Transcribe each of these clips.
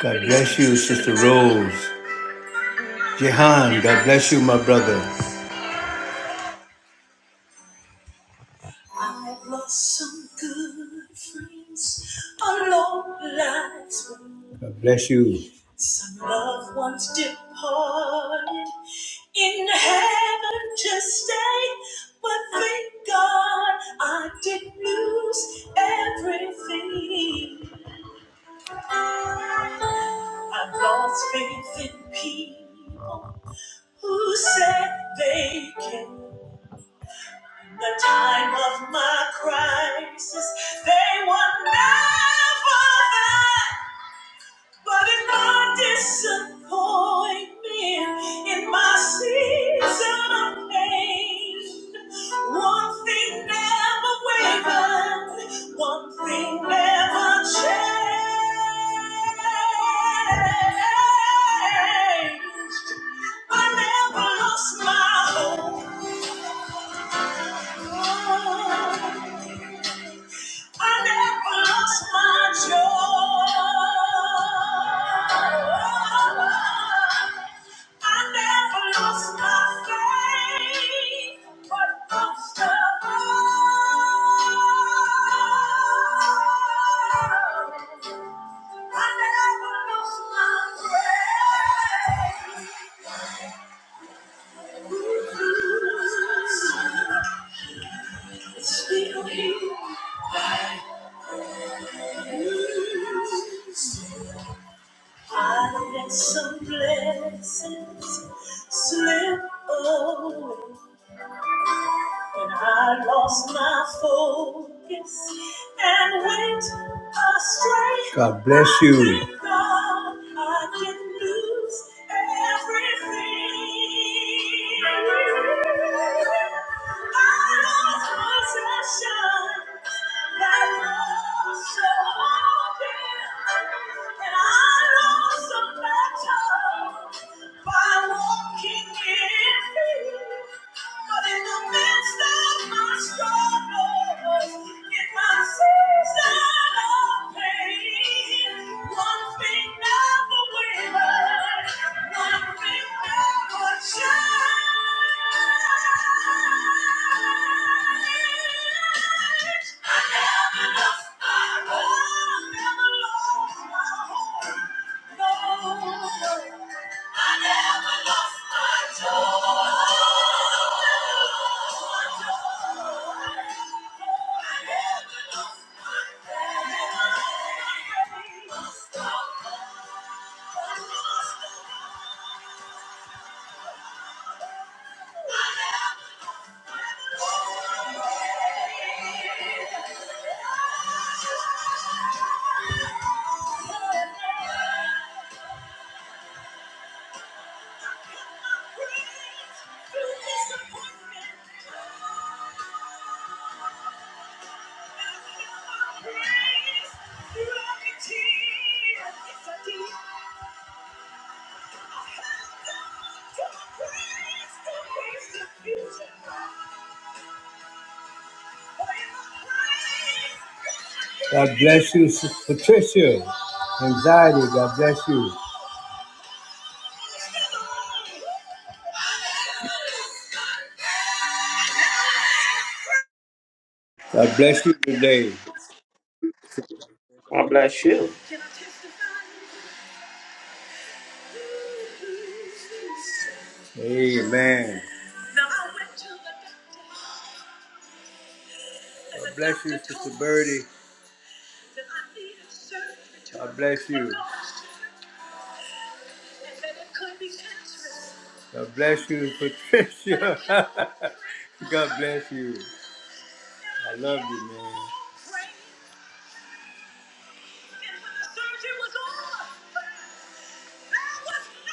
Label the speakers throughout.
Speaker 1: God bless you, Sister Rose. Jehan, God bless you, my brother. I've lost some good friends along life's way. God bless you. Some loved ones departed in heaven to stay, but thank God I didn't lose everything. I've lost faith in people. Who said they came in the time of my crisis? They were never there. But in my disappointment, in my season of pain, one thing never wavered, one thing never changed. I never lost my hope. I never lost my joy. I never lost my faith. But most of all, I never lost my praise. Still here. I let some blessings slip away. When I lost my focus and went astray. God bless you. God, I can lose everything. I lost my sunshine, that was so open. And I lost the battle. by walking he gives me But in the midst of my struggles, in my season of pain, one thing never wavers, one thing never changes. I never lost my hope, never lost my hope. Thank you. God bless you, Patricia. Anxiety, God bless you. God bless you today.
Speaker 2: God bless you.
Speaker 1: Amen. God bless you, Sister Birdie. God bless you. God bless you, Patricia. God bless you. I love you, man.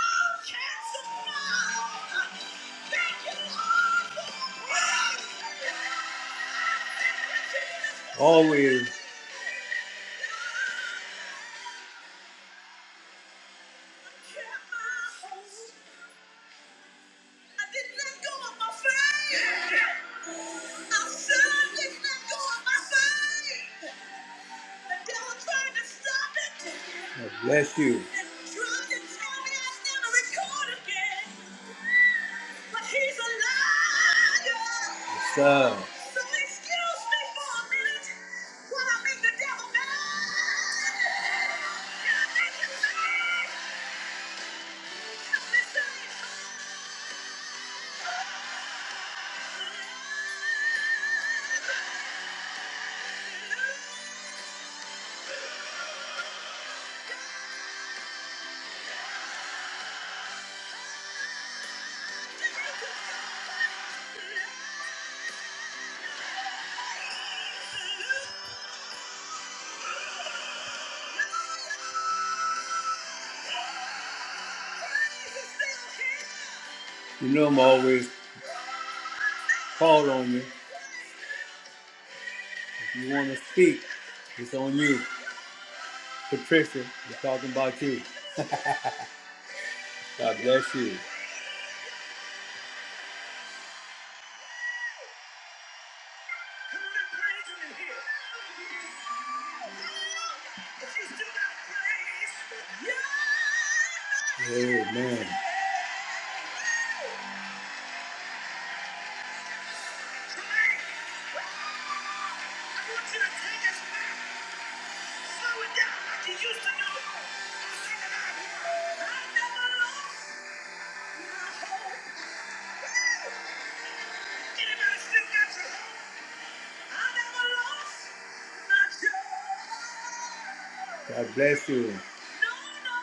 Speaker 1: no Always. I did let go of my faith. I certainly let go of my faith. The devil tried to stop it. God Bless you. Yes, sir. You know I'm always called on you. If you want to speak, it's on you. Patricia, we're talking about you. God bless you. Amen. God bless you. No, no, no,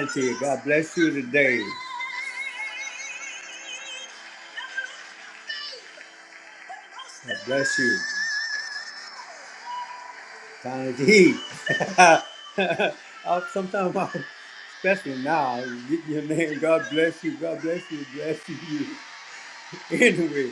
Speaker 1: no, no, no, no. Auntie, God bless you today. God bless you. Auntie. sometimes, I- especially now, you get your name, God bless you, God bless you, bless you. Anyway.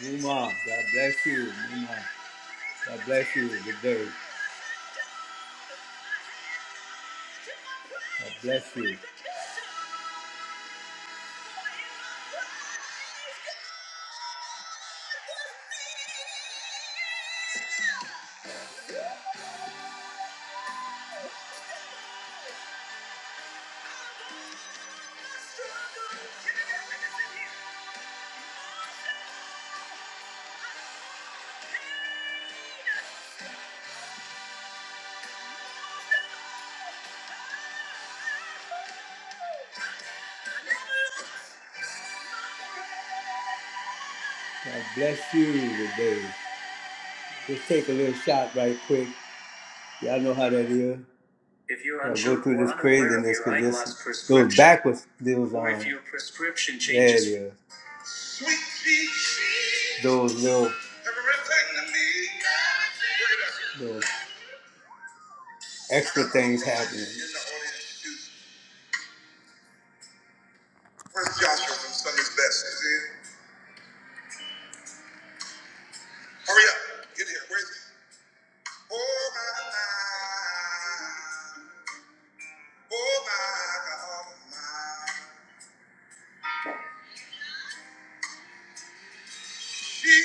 Speaker 1: Muma, God bless you. Muma, God bless you. Good day. God bless you. God bless you today. Just take a little shot right quick. Y'all know how that is. If you're Yeah, unsure go through or this craziness because this goes prescription, backwards. Those or if um, your prescription there it changes, yeah, yeah. Those little those extra things happening. Where's Joshua from Sunday's Best? Is he here? Hurry up. Get here. Where is he? Oh, my God. Oh, my God. oh My. She is.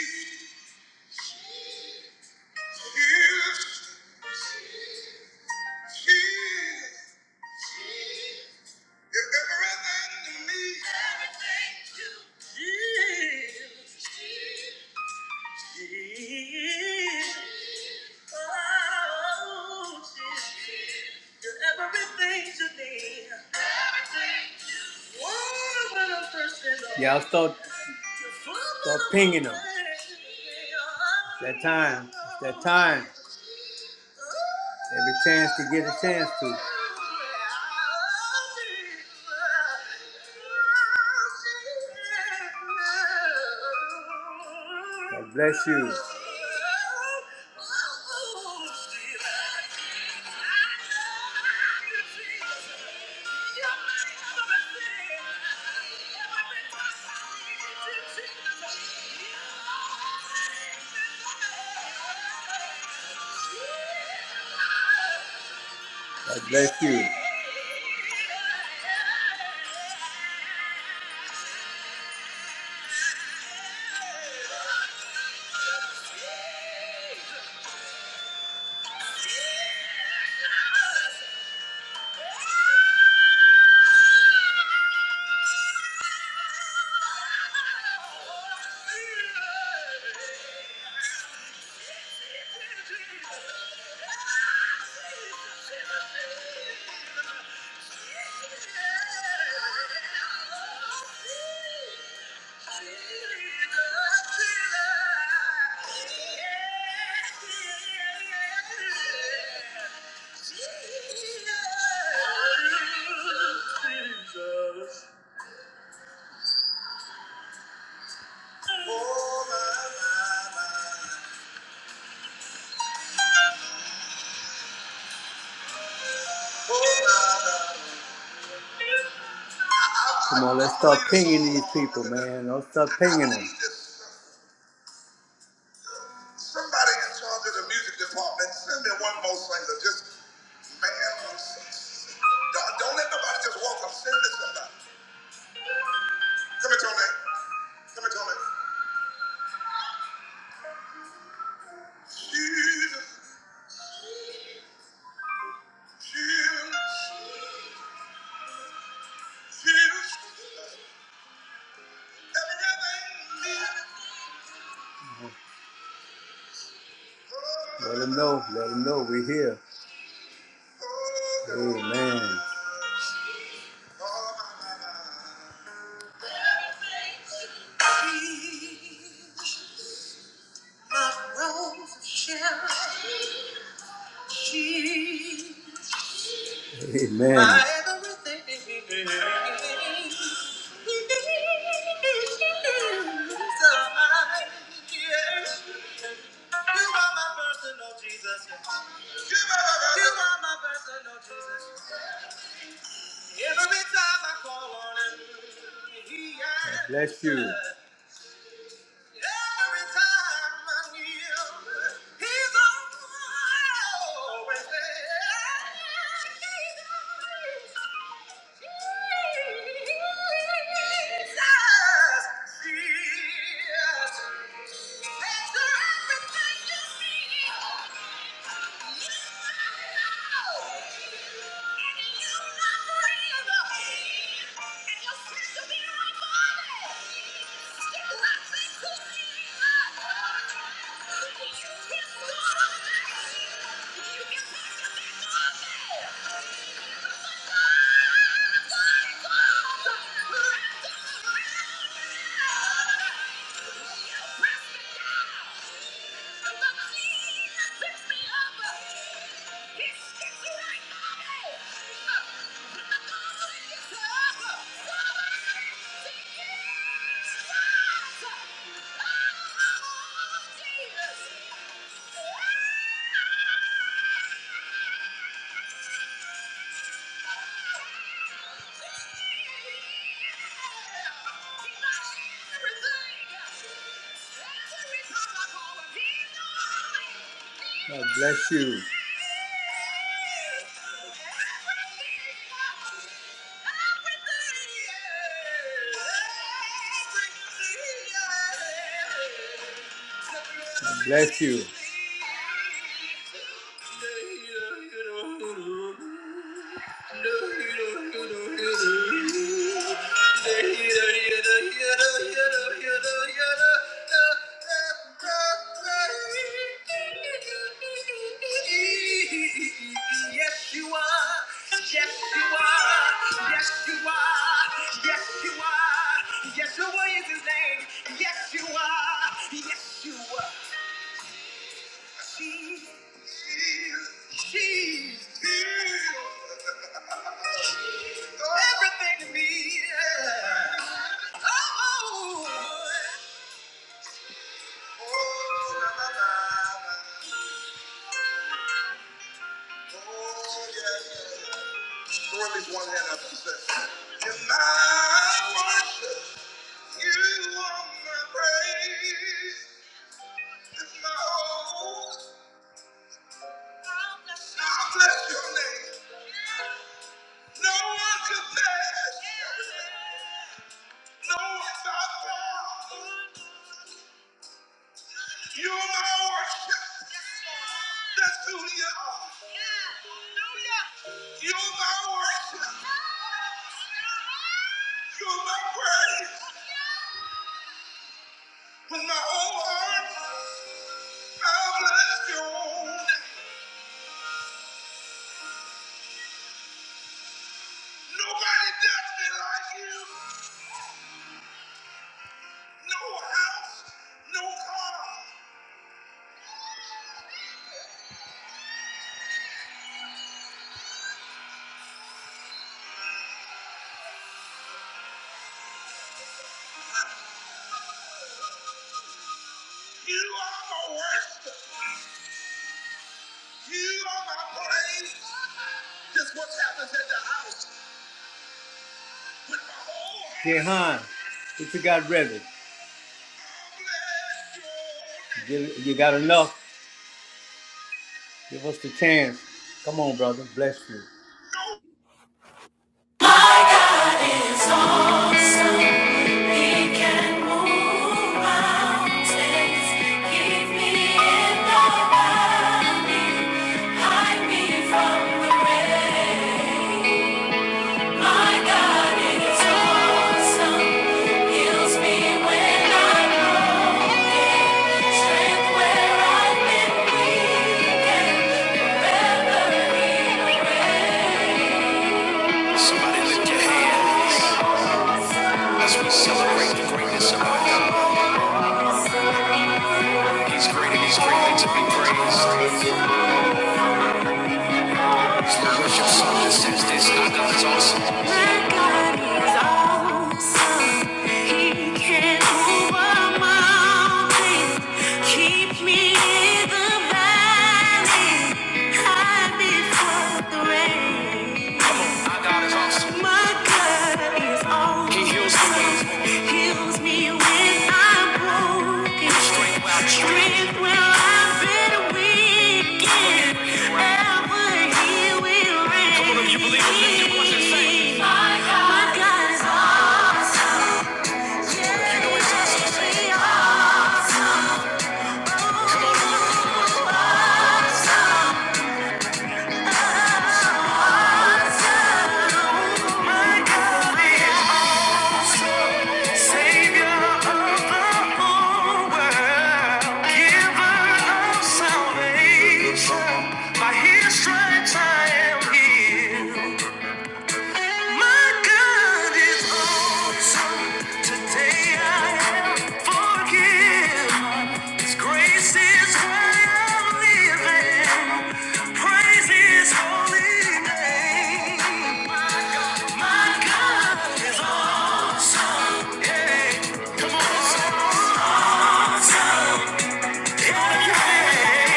Speaker 1: She is. You're everything to me. Everything to you. Give. Give. Oh, Jesus, you're everything to me. Water when I'm thirsty, Lord. Y'all start, start pinging them. It's that time. It's that time. Every chance to get a chance to. God bless you. God bless you. Yeah. Come on, let's stop pinging these people, man. Don't stop pinging them. Somebody in charge of the music department, send me one more singer. Just, man, don't, don't let nobody just walk up. Send me somebody. Come here, Tony. Come here, Tony. Jesus, Jesus, Jesus. Everything. Let him know. Let him know we're here. Amen. Amen. You are my personal Jesus. Every time I call on him, he answers. Bless you. answers. Every time I kneel, he's always there. Jesus, Jesus you Yeah. Oh, Jesus! God bless you. God bless you. Yes, you are. Yes, you are. Yes, you are. Yes, you are. Yeshua is his name. Yes, you are. Yes, you are. Jesus. Everything to me. yeah. Throw at least one hand up and say, In my worship, you are my praise. It's my whole. I bless your name. No one compares. No one by far. You're my worship. That's who you are. You're my worship. You're my praise. With my whole heart, I bless your holy name. Nobody does me like you. No house, no car. I'm a worship. Jehan, what you got ready? You you got enough? Give us the chance. Come on, brother. Bless you.
Speaker 3: It's awesome. He can move mountains. Keep me in the valley. Hide me from the rain. My God is awesome. Heals me when I'm low. Strength where I've been weak. Somebody lift your hands as we celebrate the greatness of our God. He's great and he's greatly to be praised. It's the worship song that says this. Our God is awesome. My God is awesome. He can move mountains. Keep me in the valley. Hide me from the rain. Come on, our God is awesome. My God he heals the weak. Heals me when I'm broken. Strength where I've Strength where I've been weak. Ever he will Come on, if you believe it, lift your voice and sing. My God My God is awesome. You know it's awesome. Sing. Come on, lift your voice. Holy name.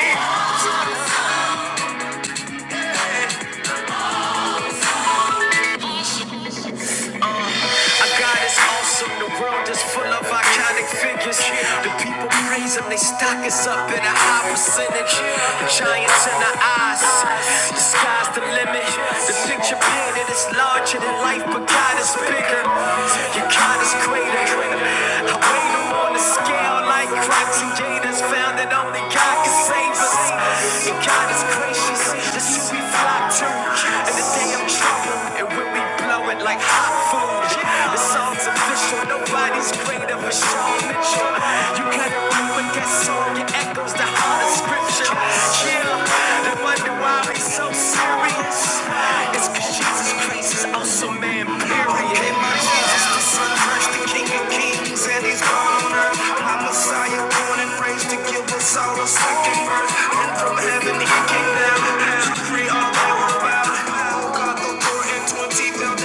Speaker 3: Our God is awesome. The world is full of iconic figures. The people praise him. They stock us up in a high percentage. The giants in our eyes. The sky's the limit. The picture painted is larger than life, but God is bigger. Your God is greater. I weigh him on a scale like cracks and gators. Found that only God can save us. And God is gracious. That's who we flock to. And the day I'm trouble, and when we blow it like hot food, the song's official. Nobody's greater for Sean Mitchell. You cut it root with that song, it echoes the heart of scripture. Yeah, they wonder why we so serious. It's cause Jesus Christ is also man, period. Okay, my Jesus, the son of Christ, the King of Kings, and he's gone on earth. My Messiah, born and raised to give us all a second birth. And from heaven he came down. Deliverer,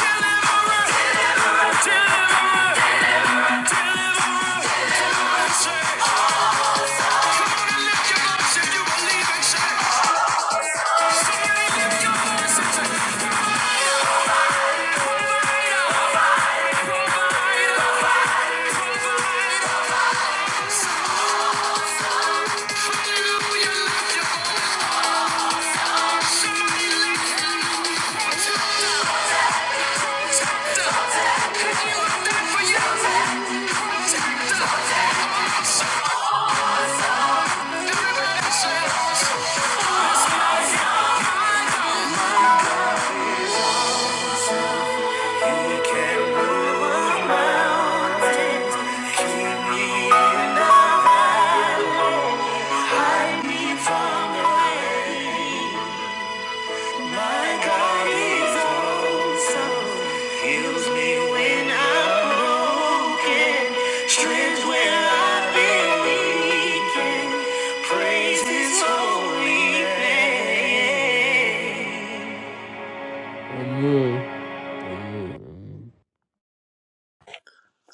Speaker 3: deliverer, deliverer, deliverer, say.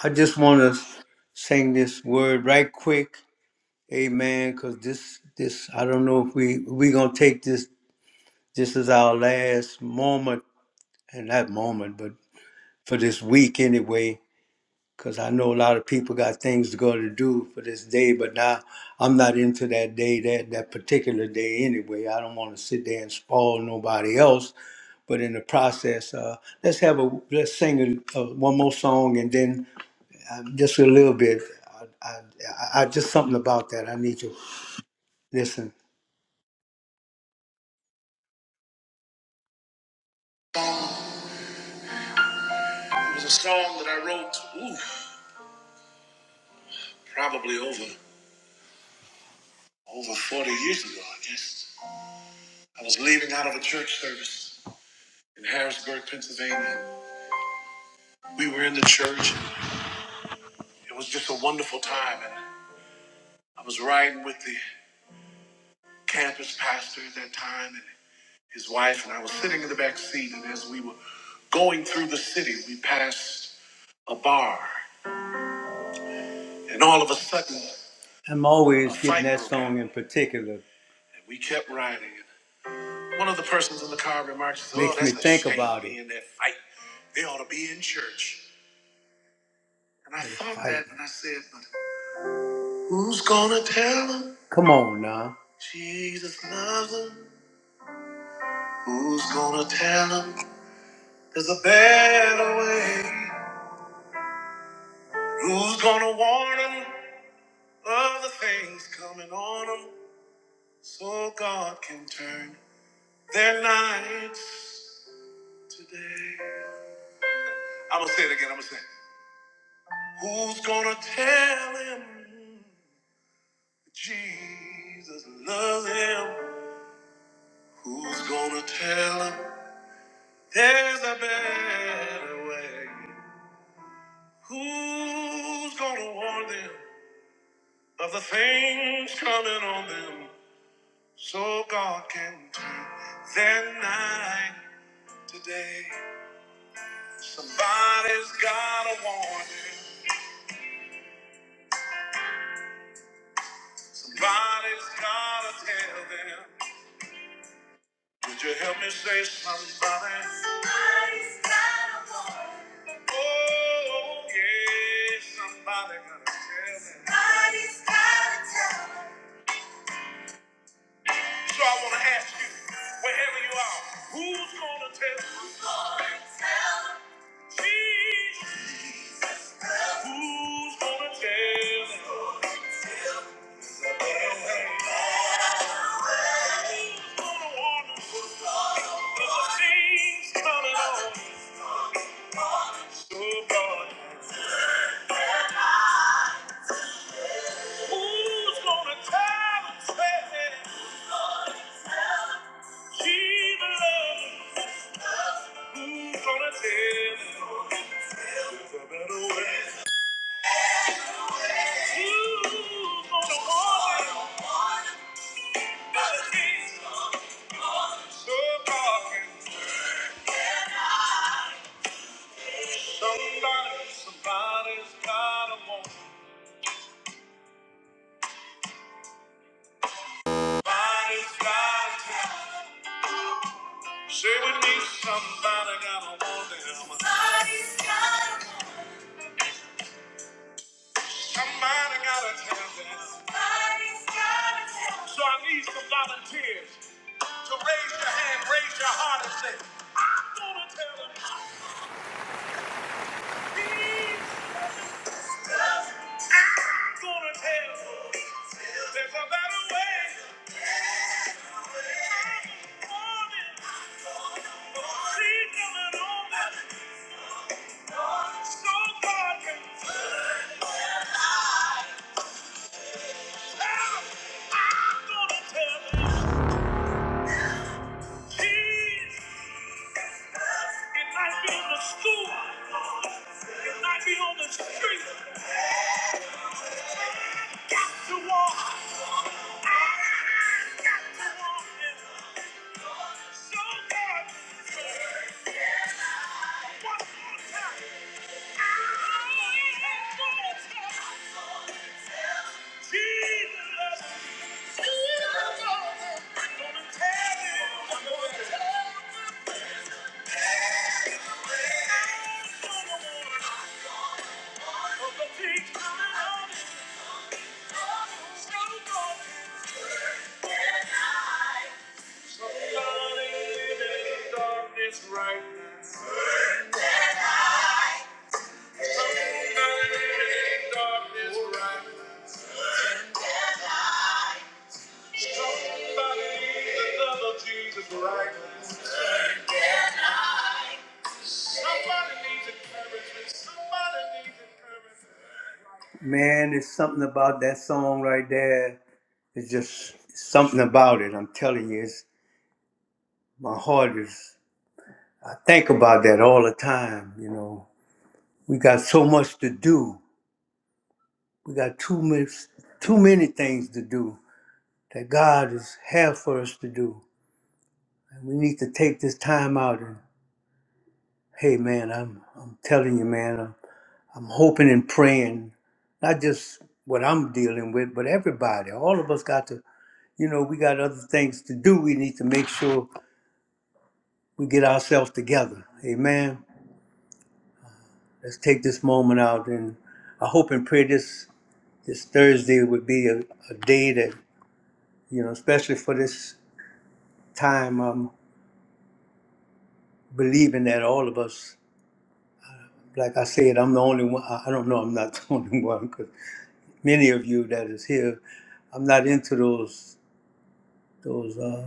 Speaker 1: I just want to sing this word right quick, Amen. Because this, this, I don't know if we we gonna take this. This is our last moment, and not moment, but for this week anyway. Because I know a lot of people got things to go to do for this day, but now I'm not into that day, that that particular day anyway. I don't want to sit there and spoil nobody else. But in the process, uh, let's have a let's sing a, a, one more song, and then uh, just a little bit. I, I, I I- just something about that. I need to listen. It was a song that I wrote, ooh, probably over over 40 years ago, I guess. I was leaving out of a church service in Harrisburg, Pennsylvania. We were in the church. It was just a wonderful time, and I was riding with the campus pastor at that time and his wife, and I was sitting in the back seat. And as we were going through the city, we passed a bar, And all of a sudden, I'm always a getting that song in particular. And we kept riding. One of the persons in the car remarks, Oh, Makes that's me a think shame about they it. in that fight. They ought to be in church. And I They thought fight. that and I said, But who's gonna tell them Come on now. Jesus loves them? Who's gonna tell them there's a better way? Who's gonna warn them of the things coming on them so God can turn their nights? I'm gonna say it again. I'm gonna say, it. Who's gonna tell him Jesus loves him? Who's gonna tell him there's a better way? Who's gonna warn them of the things coming on them so God can turn their night today? Somebody's gotta warn them. Somebody's gotta tell them. Would you help me say somebody? Somebody's got a woman. Oh, yeah, somebody gotta tell me. Somebody's gotta tell me. So I wanna ask you, wherever you are, who's gonna tell me? Who's gonna tell me? Jesus, who's gonna tell me? Tell me. Gonna wonder Who's gonna the wonder? 'Cause the things coming on. Gonna wonder. So, God. Who's gonna tell us? Who's gonna tell us? Don't you want it? Somebody, somebody's gotta want it. Somebody's gotta tell. Say with me, somebody gotta want it. Somebody's gotta want it. Somebody gotta tell them. Somebody's gotta tell them. So I need some volunteers to raise your hand, raise your heart and say, I'm gonna tell them. Jesus, I'm gonna tell them. There's a better way. I'm warning. See coming on me. So God can tell. I'm gonna tell the kids. It might be in the school. It might be on the street. got to walk. I got to walk in love. So God, one more time. I'm gonna tell Jesus. I'm gonna tell him. I'm gonna tell him. Of the things coming up. Right Man, there's something about that song right there. It's just something about it. I'm telling you. it's my heart is i think about that all the time you know we got so much to do we got too much too many things to do that god is have for us to do and we need to take this time out and hey man i'm i'm telling you man i'm, I'm hoping and praying not just what i'm dealing with but everybody all of us got to you know we got other things to do we need to make sure we get ourselves together amen let's take this moment out and I hope and pray this this Thursday would be a, a day that, you know, especially for this time, I'm believing that all of us, like I said, I'm the only one. I I don't know, I'm not the only one because many of you that is here, I'm not into those those uh,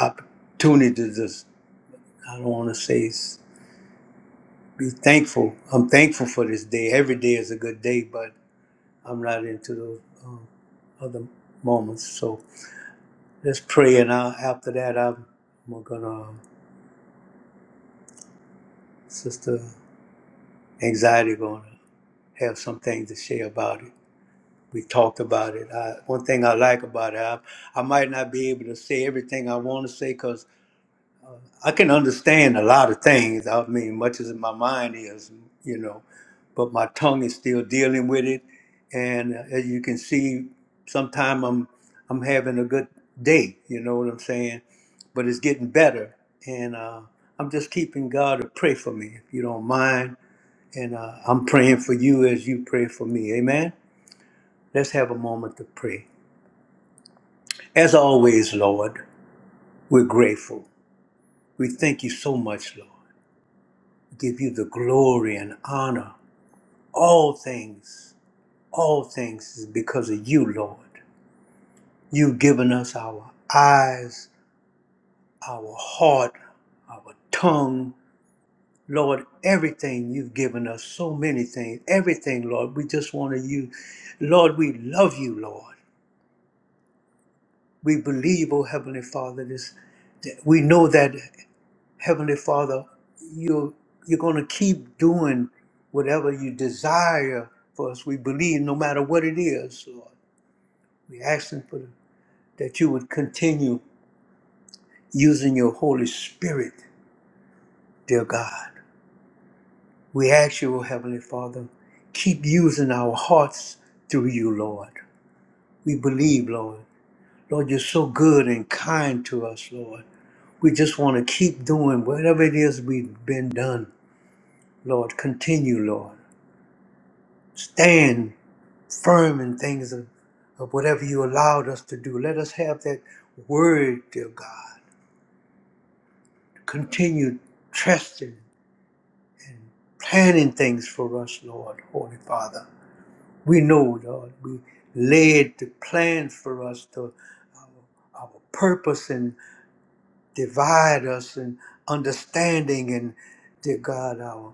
Speaker 1: opportunities. that's- I don't want to say s- be thankful. I'm thankful for this day. Every day is a good day, but I'm not into those um, other moments. So let's pray, and i after that, I'm, I'm gonna. Um, Sister anxiety going to have some things to say about it. We talked about it. I, one thing I like about it, I, I might not be able to say everything I want to say because I can understand a lot of things. I mean, much as my mind is, you know, but my tongue is still dealing with it. And uh, as you can see, sometimes I'm I'm having a good day. You know what I'm saying? But it's getting better, and uh, I'm just keeping God to pray for me, if you don't mind and uh, I'm praying for you as you pray for me. Amen. Let's have a moment to pray. As always, Lord, we're grateful. We thank you so much, Lord. We give you the glory and honor. All things, all things is because of you, Lord. You've given us our eyes, our heart, our tongue. Lord, everything you've given us, so many things, everything, Lord, we just want to use. Lord, we love you, Lord. we believe, oh Heavenly Father, this that we know that Heavenly Father, you you're gonna keep doing whatever you desire for us. We believe no matter what it is, Lord. We're asking for that you would continue using your Holy Spirit, dear God. We ask you, oh Heavenly Father, keep using our hearts through you, Lord. We believe, Lord. Lord, you're so good and kind to us, Lord. We just want to keep doing whatever it is we've been done, Lord. Continue, Lord. Stand firm in things of, of whatever you allowed us to do. Let us have that word, dear God. Continue trusting and planning things for us, Lord, Holy Father. We know, Lord, we laid the plans for us to our, our purpose and divide us and understanding and, dear God, our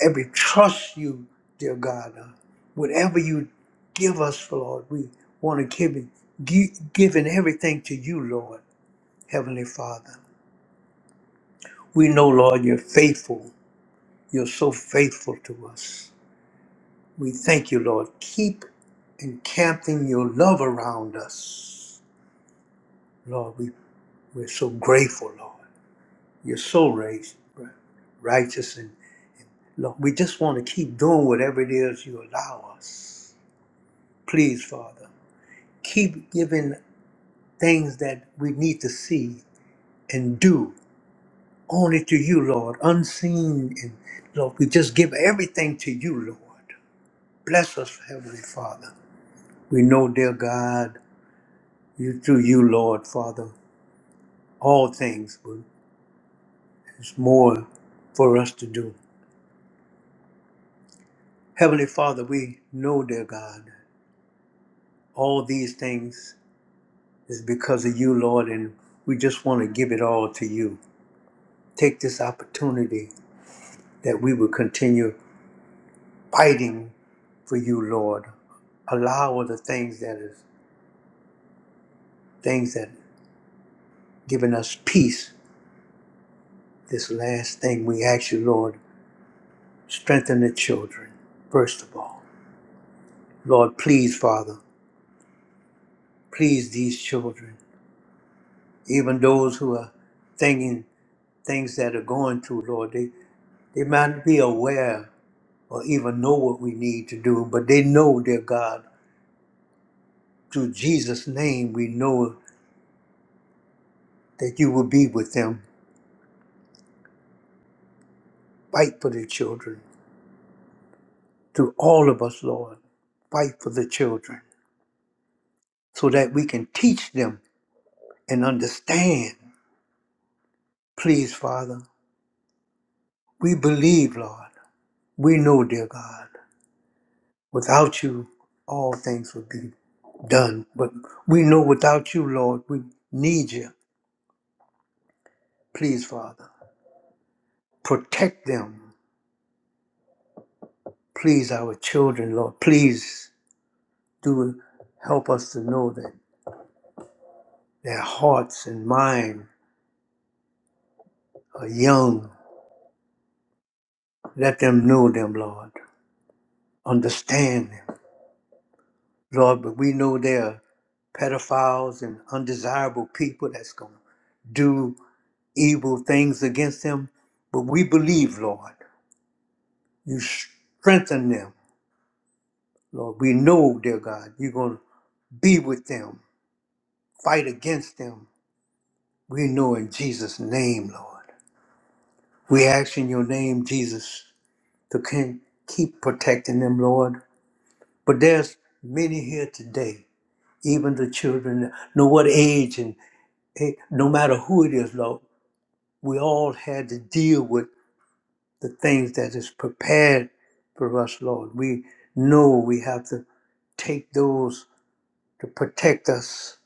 Speaker 1: and we trust you, dear God. Uh, whatever you give us, Lord, we want to give it, gi- giving everything to you, Lord, Heavenly Father. We know, Lord, you're faithful. You're so faithful to us. We thank you, Lord. Keep encamping your love around us, Lord. We, we're so grateful, Lord. You're so raised, righteous, and Lord, we just want to keep doing whatever it is you allow us. Please, Father. keep giving things that we need to see and do only to you, Lord, unseen. And Lord, we just give everything to you, Lord. Bless us, Heavenly Father. We know, dear God, you through you, Lord, Father, all things, but there's more for us to do. Heavenly Father, we know, dear God, all these things is because of you, Lord, and we just want to give it all to you. Take this opportunity that we will continue. fighting for you, Lord. Allow the things that is things that given us peace. This last thing we ask you, Lord, strengthen the children, first of all. Lord, please, Father, please these children, even those who are thinking things that are going through, Lord, they, they might not be aware or even know what we need to do, but they know, dear God, through Jesus' name, we know that you will be with them. Fight for the children to all of us, Lord. Fight for the children so that we can teach them and understand. Please, Father, we believe, Lord. We know, dear God, without you, all things would be done. But we know without you, Lord, we need you. Please, Father, protect them. Please, our children, Lord. Please do help us to know that their hearts and minds are young. Let them know them, Lord. understand, them, Lord, but we know there are pedophiles and undesirable people that's going to do evil things against them. But we believe, Lord, you strengthen them. Lord, we know, dear God, you're going to be with them, fight against them. We know in Jesus' name, Lord. We ask in your name, Jesus, to can- keep protecting them, Lord. But there's many here today, even the children, know what age and Hey, no matter who it is, Lord, we all had to deal with the things that is prepared for us, Lord. We know we have to take those to protect us,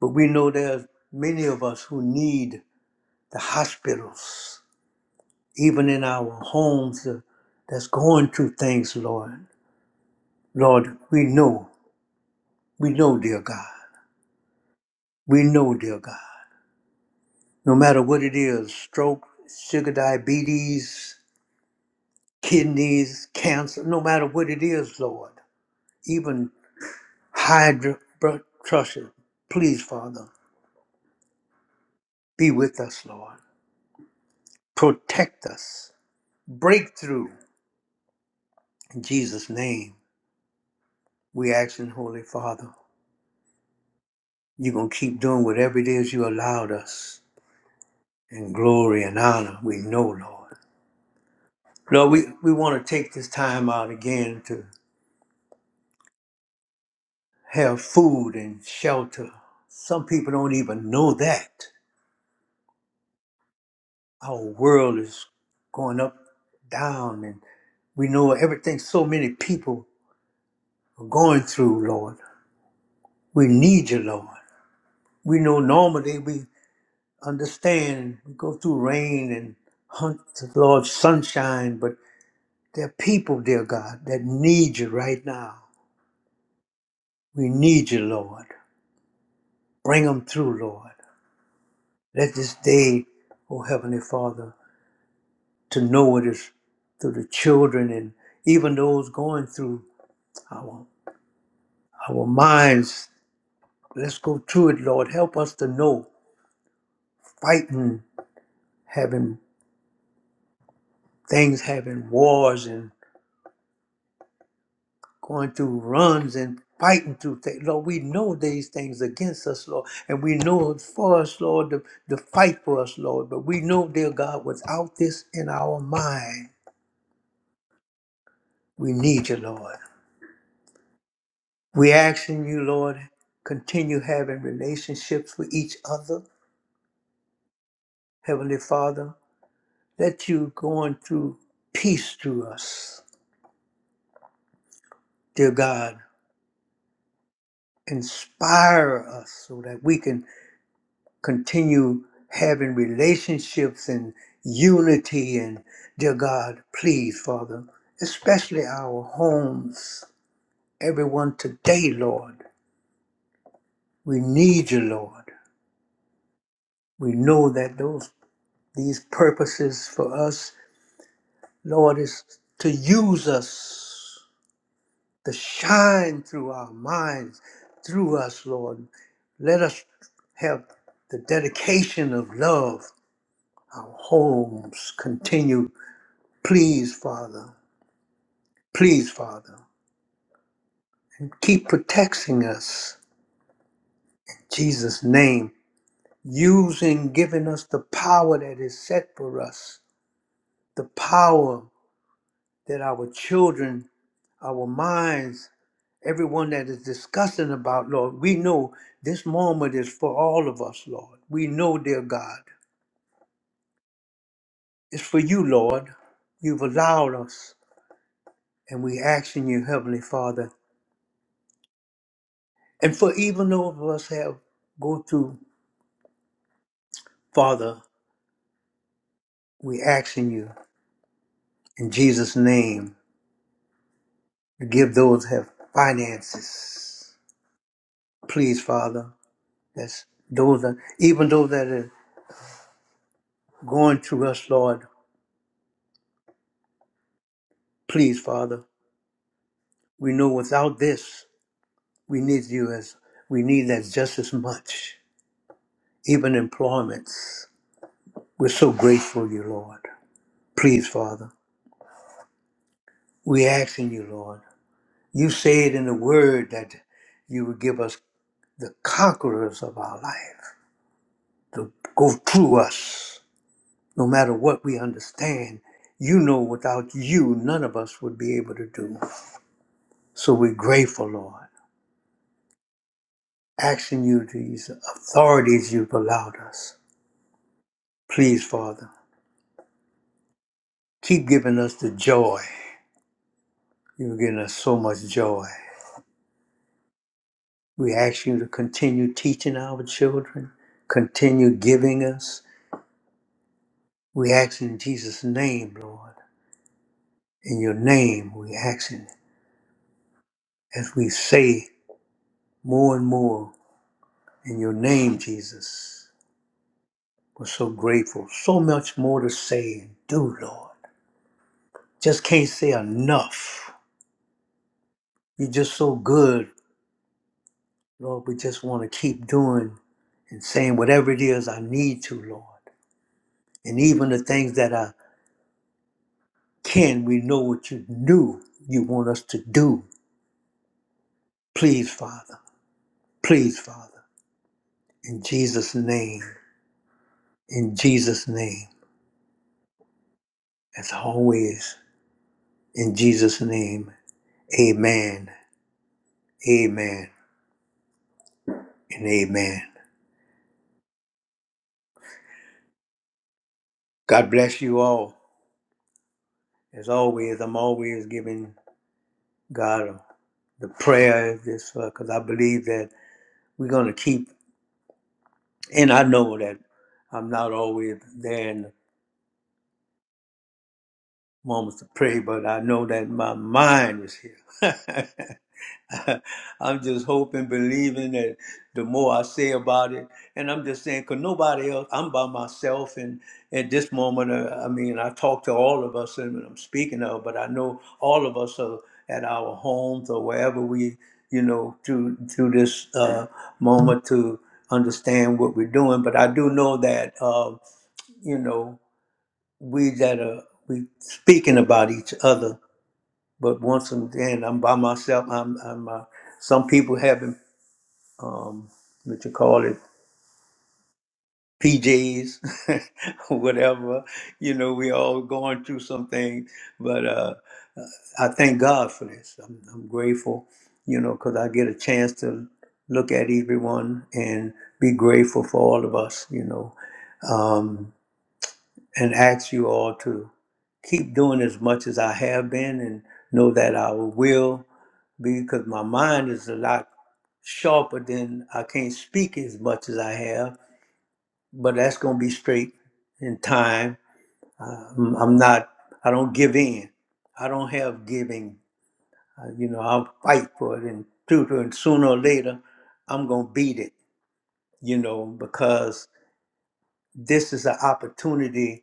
Speaker 1: but we know there's many of us who need the hospitals, even in our homes uh, that's going through things, Lord. Lord, we know, we know, dear God. We know, dear God, no matter what it is, stroke, sugar diabetes, kidneys, cancer, no matter what it is, Lord, even hydrotrussion. Please, Father, be with us, Lord. Protect us. Breakthrough. In Jesus' name, we ask in Holy Father, you're going to keep doing whatever it is you allowed us. In glory and honor, we know, Lord. Lord, we, we want to take this time out again to have food and shelter. Some people don't even know that. our world is going up, down, and we know everything so many people are going through, Lord. We need you, Lord. We know normally we understand, we go through rain and hunt the Lord sunshine, but there are people, dear God, that need you right now. We need you, Lord. Bring them through, Lord. Let this day, oh Heavenly Father, to know it is through the children and even those going through our. our minds. Let's go through it, Lord. Help us to know fighting, having things, having wars, and going through runs and fighting through things. Lord, we know these things against us, Lord, and we know it's for us, Lord, to, to fight for us, Lord. But we know, dear God, without this in our mind, we need you, Lord. We asking you, Lord, continue having relationships with each other, Heavenly Father. Let you going through peace through us Dear God, inspire us so that we can continue having relationships and unity. And dear God, please, Father, especially our homes, everyone today, Lord, we need you, Lord. We know that those these purposes for us, Lord, is to use us, to shine through our minds, through us, Lord. Let us have the dedication of love, our homes continue. Please, Father, please, Father, and keep protecting us. In Jesus' name, using, giving us the power that is set for us, the power that our children, our minds, everyone that is discussing about, Lord, we know this moment is for all of us, Lord. We know, dear God, it's for you, Lord. You've allowed us. And we ask in you, Heavenly Father, and for even those of us have go through, Father, we ask in you, in Jesus' name, to give those that have finances. Please, Father, that's those that even those that are going through us, Lord, please, Father, we know without this, we need you as we need that just as much. Even employments. We're so grateful, you Lord. Please, Father. We ask in you, Lord. You said in the word that you would give us the conquerors of our life to go through us, no matter what we understand. You know, without you, none of us would be able to do. So we're grateful, Lord, asking you these authorities you've allowed us. Please, Father, keep giving us the joy. You've given us so much joy. We ask you to continue teaching our children, continue giving us. We ask in Jesus' name, Lord. In your name we ask it. As we say more and more, in your name, Jesus, we're so grateful. So much more to say and do, Lord. Just can't say enough. You're just so good, Lord. We just want to keep doing and saying whatever it is I need to, Lord. And even the things that I can, we know what you do, you want us to do. Please, Father. Please, Father. In Jesus' name. In Jesus' name. As always. In Jesus' name, amen, amen, and amen. God bless you all. As always, I'm always giving God the prayer just because I believe that we're going to keep, and I know that I'm not always there in the moments to pray, but I know that my mind is here. I'm just hoping, believing that the more I say about it, and I'm just saying, cause nobody else, I'm by myself, and at this moment, uh, I mean, I talk to all of us, and I'm speaking of, but I know all of us are at our homes or wherever we, you know, through through this uh, moment to understand what we're doing. But I do know that, uh, you know, we that are we speaking about each other but once again, I'm by myself. I'm, I'm uh, some people having um, what you call it PJs, whatever. You know, we all going through some things. But uh, I thank God for this. I'm, I'm grateful, you know, because I get a chance to look at everyone and be grateful for all of us, you know, um, and ask you all to keep doing as much as I have been and know that I will. because my mind is a lot sharper than I can't speak as much as I have, but that's going to be straight in time. Uh, I'm I'm not, I don't give in. I don't have giving. Uh, you know, I'll fight for it and tutor, and sooner or later, I'm going to beat it, you know, because this is an opportunity,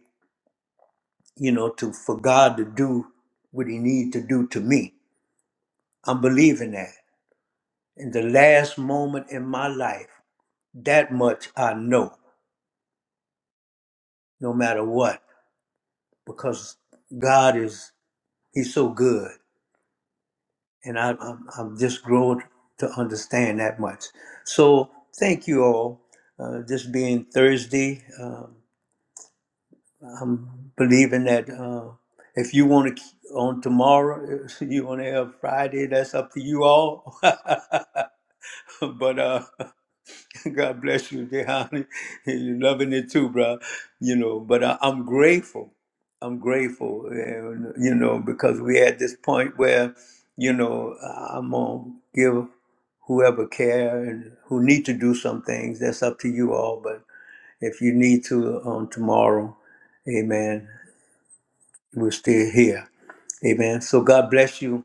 Speaker 1: you know, to for God to do what he needs to do to me. I'm believing that. In the last moment in my life, that much I know. no matter what, because God is He's so good, and I, I'm I'm just growing to understand that much. So thank you all. Uh, this being Thursday, um, I'm believing that uh, if you want to on tomorrow, you want to have Friday, that's up to you all. but uh, God bless you, Jehani. You're loving it too, bro. You know, but I, I'm grateful. I'm grateful, and, you know, because we are at this point where, you know, I'm gonna give whoever care and who need to do some things. That's up to you all. But if you need to on tomorrow, Amen. We're still here, Amen. So God bless you,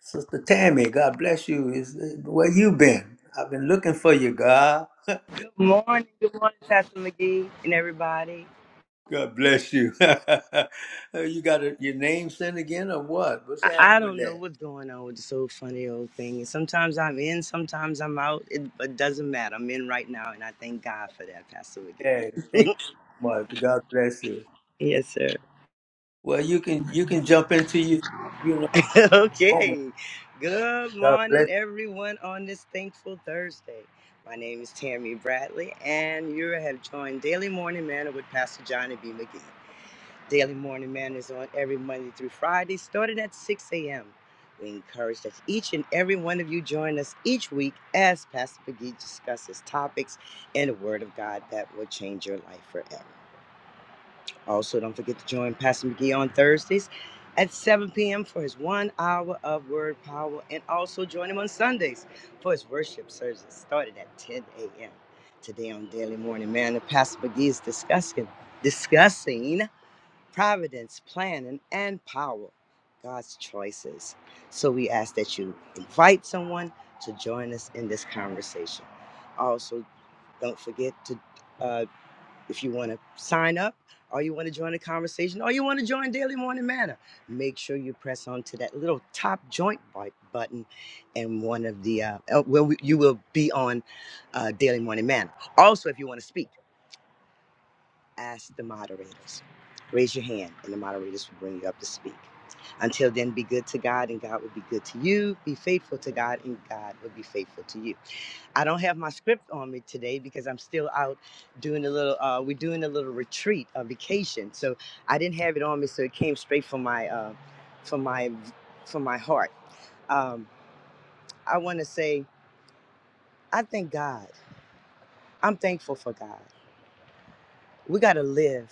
Speaker 1: Sister Tammy. God bless you. Is where you been? I've been looking for you, God.
Speaker 4: Good morning, good morning, Pastor McGee and everybody.
Speaker 1: God bless you. Uh, you got a, your name sent again or what? What's happening
Speaker 4: I, I
Speaker 1: with
Speaker 4: don't know
Speaker 1: that?
Speaker 4: what's going on with this whole funny old thing. And sometimes I'm in, sometimes I'm out. It, it doesn't matter. I'm in right now, and I thank God for that, Pastor McGee.
Speaker 1: Yeah, thank you so much. God bless you.
Speaker 4: Yes, sir.
Speaker 1: Well, you can you can jump into you you know moment.
Speaker 4: okay. Good
Speaker 1: God bless
Speaker 4: morning, everyone, on this thankful Thursday. My name is Tammy Bradley, and you have joined Daily Morning Manna with Pastor Johnny B. McGee. Daily Morning Man is on every Monday through Friday, starting at 6 a.m. We encourage that each and every one of you join us each week as Pastor McGee discusses topics and the Word of God that will change your life forever. Also, don't forget to join Pastor McGee on Thursdays at 7 p.m. for his one hour of Word Power, and also join him on Sundays for his worship service starting at 10 a.m. Today on Daily Morning Man, Pastor McGee is discussing discussing providence, planning, and power, God's choices. So we ask that you invite someone to join us in this conversation. Also, don't forget to, uh, if you want to sign up, or you want to join the conversation, or you want to join Daily Morning Manna, make sure you press on to that little top joint bu- button, and one of the uh, uh, well, you will be on uh, Daily Morning Manna. Also, if you want to speak ask the moderators. Raise your hand, and the moderators will bring you up to speak. Until then, be good to God, and God will be good to you. Be faithful to God, and God will be faithful to you. I don't have my script on me today because I'm still out doing a little. Uh, we're doing a little retreat, a vacation, so I didn't have it on me. So it came straight from my, uh, from my, from my heart. Um, I want to say I thank God. I'm thankful for God. We got to live,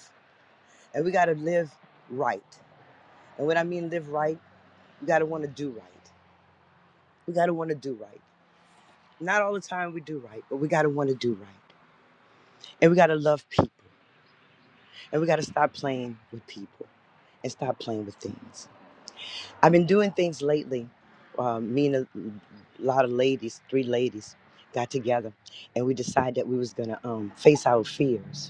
Speaker 4: and we got to live right. And when I mean live right, we got to want to do right. We got to want to do right. Not all the time we do right, but we got to want to do right. And we got to love people. And we got to stop playing with people and stop playing with things. I've been doing things lately. Uh, me and a lot of ladies, three ladies, got together and we decided that we was going to um, face our fears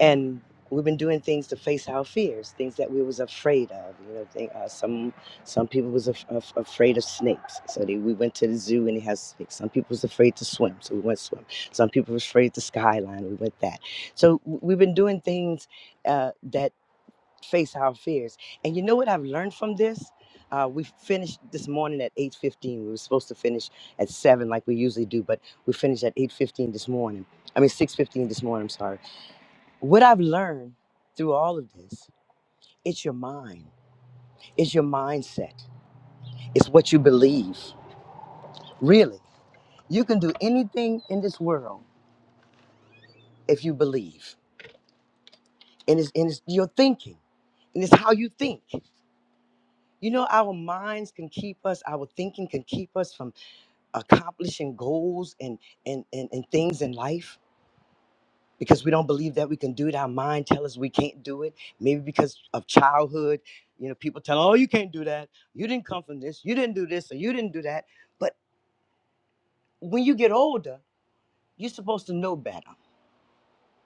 Speaker 4: and we've been doing things to face our fears things that we was afraid of you know they, uh, some some people was af- af- afraid of snakes so they, we went to the zoo and it has snakes some people was afraid to swim so we went swim some people was afraid to skyline we went that so w- we've been doing things uh, that face our fears and you know what i've learned from this uh, we finished this morning at 8.15 we were supposed to finish at 7 like we usually do but we finished at 8.15 this morning i mean 6.15 this morning i'm sorry what I've learned through all of this, it's your mind, it's your mindset, it's what you believe. Really, you can do anything in this world if you believe, and it's, and it's your thinking, and it's how you think. You know, our minds can keep us, our thinking can keep us from accomplishing goals and, and, and, and things in life because we don't believe that we can do it. Our mind tells us we can't do it. Maybe because of childhood, you know, people tell, oh, you can't do that. You didn't come from this. You didn't do this or you didn't do that. But when you get older, you're supposed to know better.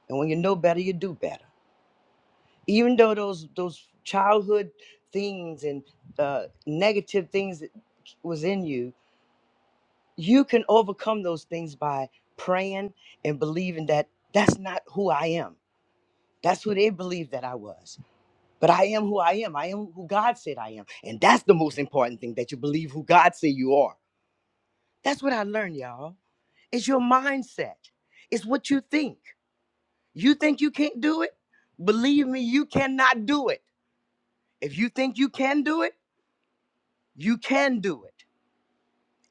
Speaker 4: And when you know better, you do better. Even though those those childhood things and uh, negative things that was in you, you can overcome those things by praying and believing that that's not who I am. That's who they believed that I was. But I am who I am. I am who God said I am. And that's the most important thing that you believe who God said you are. That's what I learned, y'all. It's your mindset, it's what you think. You think you can't do it? Believe me, you cannot do it. If you think you can do it, you can do it.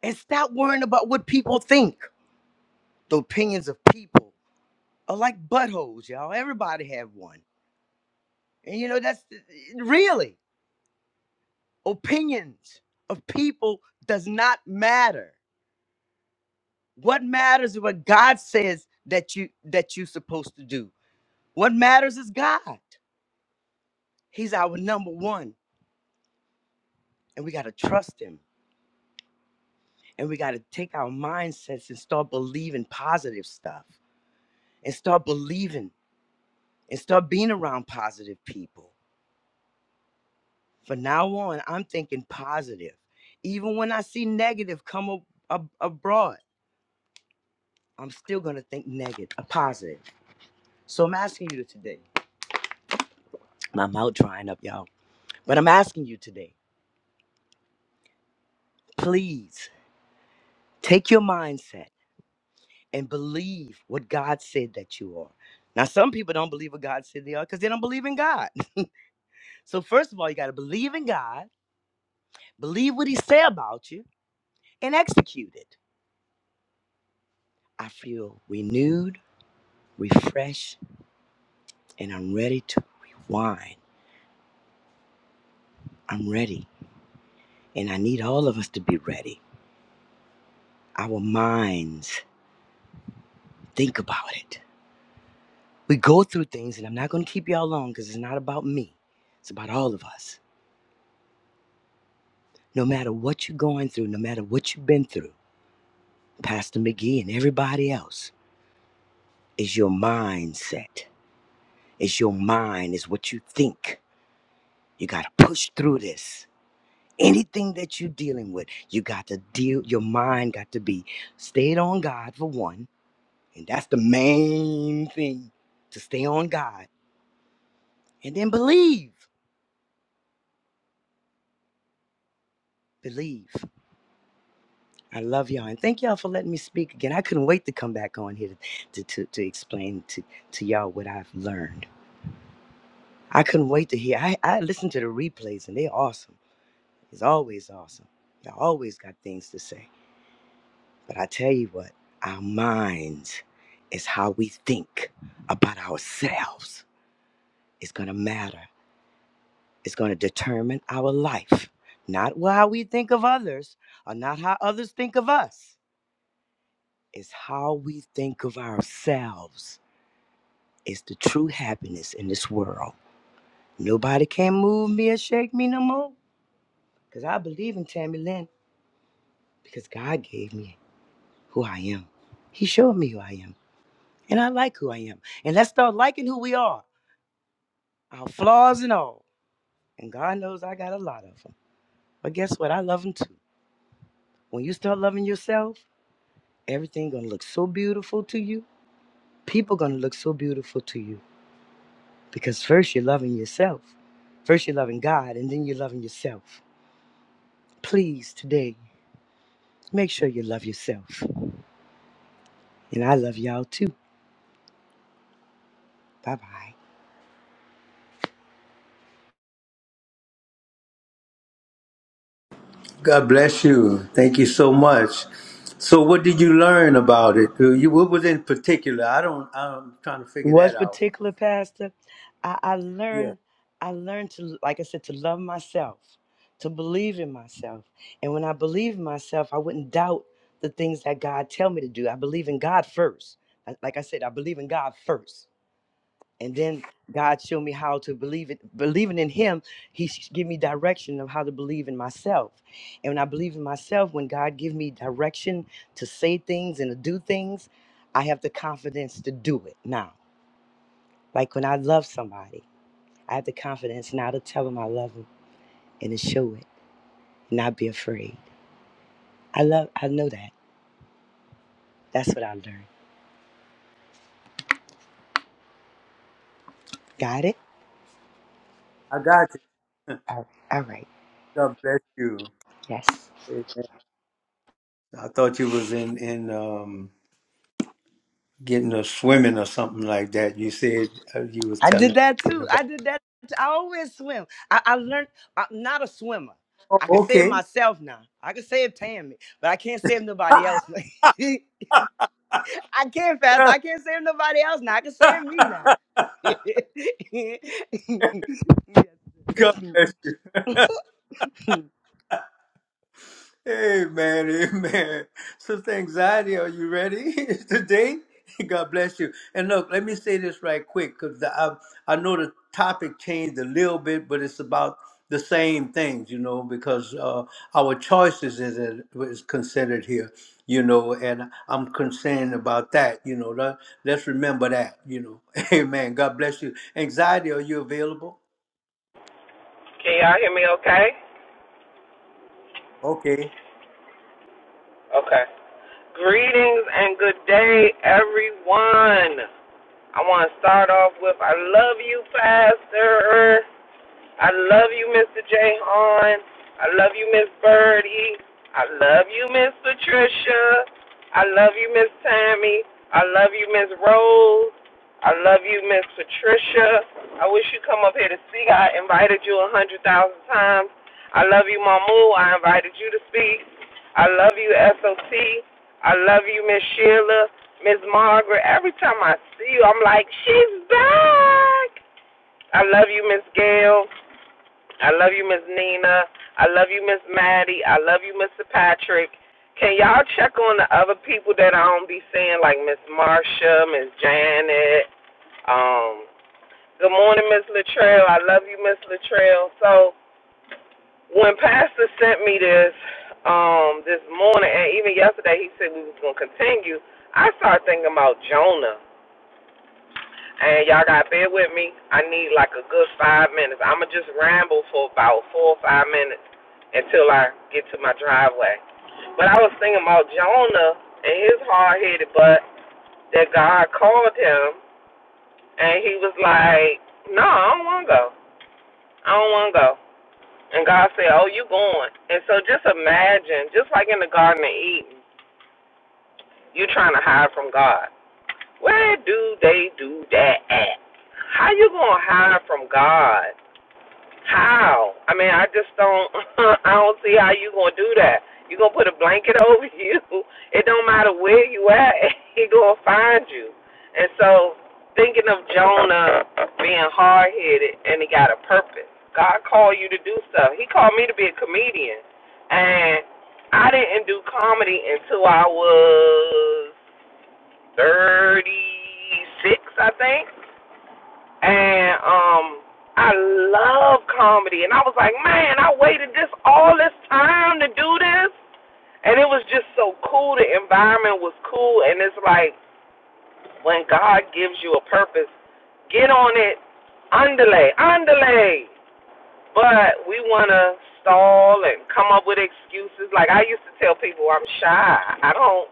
Speaker 4: And stop worrying about what people think. The opinions of people are like buttholes, y'all. Everybody have one. And you know, that's really opinions of people does not matter. What matters is what God says that you that you're supposed to do. What matters is God. He's our number one, and we gotta trust Him. And we gotta take our mindsets and start believing positive stuff, and start believing, and start being around positive people. From now on, I'm thinking positive. Even when I see negative come ab- ab- abroad, I'm still gonna think negative, a positive. So I'm asking you today. My mouth drying up, y'all. But I'm asking you today, please Take your mindset and believe what God said that you are. Now, some people don't believe what God said they are because they don't believe in God. So, first of all, you got to believe in God, believe what He said about you, and execute it. I feel renewed, refreshed, and I'm ready to rewind. I'm ready, and I need all of us to be ready. Our minds think about it. We go through things, and I'm not going to keep y'all long because it's not about me, it's about all of us No matter what you're going through, no matter what you've been through, Pastor McGee and everybody else, is your mindset. It's your mind, is what you think. You got to push through this. Anything that you're dealing with, you got to deal, your mind got to be stayed on God for one. And that's the main thing to stay on God. And then believe, believe. I love y'all. And thank y'all for letting me speak again. I couldn't wait to come back on here to, to, to, to explain to, to y'all what I've learned. I couldn't wait to hear. I, I listened to the replays and they're awesome. It's always awesome. Y'all always got things to say. But I tell you what, our minds is how we think about ourselves. It's gonna matter. It's gonna determine our life. Not how we think of others or not how others think of us. It's how we think of ourselves. It's the true happiness in this world. Nobody can move me or shake me no more. Cause I believe in Tammy Lynn. because God gave me who I am. He showed me who I am, and I like who I am. And let's start liking who we are, our flaws and all. And God knows I got a lot of them. But guess what? I love them too. When you start loving yourself, everything gonna look so beautiful to you. People gonna look so beautiful to you because first you're loving yourself, first you're loving God, and then you're loving yourself. Please today, make sure you love yourself, and I love y'all too. Bye bye.
Speaker 1: God bless you. Thank you so much. So, what did you learn about it? Uh, You what was in particular? I don't. I'm trying to figure
Speaker 4: was
Speaker 1: that out.
Speaker 4: particular pastor I, I
Speaker 1: Yeah,
Speaker 4: learned i learned to like i said to love myself to believe in myself and when i believe in myself i wouldn't doubt the things that god tell me to do i believe in god first I- like i said i believe in god first and then god showed me how to believe it believing in him he s- give me direction of how to believe in myself and when i believe in myself when god give me direction to say things and to do things i have the confidence to do it now like when I love somebody, I have the confidence now to tell them I love them and to show it, not be afraid. I love, I know that. That's what I learned. Got it?
Speaker 1: I got you.
Speaker 4: All right. all right.
Speaker 1: God bless you.
Speaker 4: Yes.
Speaker 1: Amen. I thought you was in in. um getting a swimming or something like that. You said uh, you was
Speaker 4: I
Speaker 1: telling me
Speaker 4: did that
Speaker 1: getting
Speaker 4: too. I
Speaker 1: about.
Speaker 4: did that. too. I always swim. I, I learned, I'm not a swimmer.
Speaker 1: Oh,
Speaker 4: I can save
Speaker 1: okay.
Speaker 4: myself now. I can save Tammy, but I can't save nobody else. I can't fast. I can't save nobody else now. I can save me now.
Speaker 1: God
Speaker 4: Yes.
Speaker 1: bless you. Amen, amen. Sister Anxiety, are you ready today? God bless you. And look, let me say this right quick because I, I know the topic changed a little bit, but it's about the same things, you know, because uh, our choices is, is considered here, you know, and I'm concerned about that, you know. Let, let's remember that, you know. Amen. God bless you. Anxiety, are you available?
Speaker 2: Can y'all hear me okay?
Speaker 1: Okay.
Speaker 2: Okay. Greetings and good day, everyone. I want to start off with I love you, Pastor. I love you, Mr. J. I love you, Miss Birdie. I love you, Miss Patricia. I love you, Miss Tammy. I love you, Miss Rose. I love you, Miss Patricia. I wish you come up here to speak. I invited you a hundred thousand times. I love you, Mamu. I invited you to speak. I love you, SOT. I love you, Miss Sheila, Miss Margaret. Every time I see you, I'm like, she's back. I love you, Miss Gail. I love you, Miss Nina. I love you, Miss Maddie. I love you, Mr. Patrick. Can y'all check on the other people that I don't be seeing, like Miss Marsha, Miss Janet? Um, good morning, Miss Latrell. I love you, Miss Latrell. So when Pastor sent me this um this morning, and even yesterday, he said we was gonna continue. I started thinking about Jonah. And y'all gotta bear with me. I need like a good five minutes. I'ma just ramble for about four or five minutes until I get to my driveway. But I was thinking about Jonah and his hard headed butt that God called him and he was like, No, I don't wanna go. I don't wanna go. And God said, Oh, you going and so just imagine, just like in the Garden of Eden, you trying to hide from God. Where do they do that at? How you gonna hide from God? How? I mean, I just don't. I don't see how you gonna do that. You gonna put a blanket over you. It don't matter where you at. He gonna find you. And so, thinking of Jonah being hard headed and he got a purpose. God called you to do stuff. He called me to be a comedian, and I didn't do comedy until I was thirty six, I think and um I love comedy and I was like, Man, I waited this all this time to do this and it was just so cool, the environment was cool and it's like when God gives you a purpose, get on it, underlay, underlay. But we want to stall and come up with excuses. Like I used to tell people, I'm shy. I don't,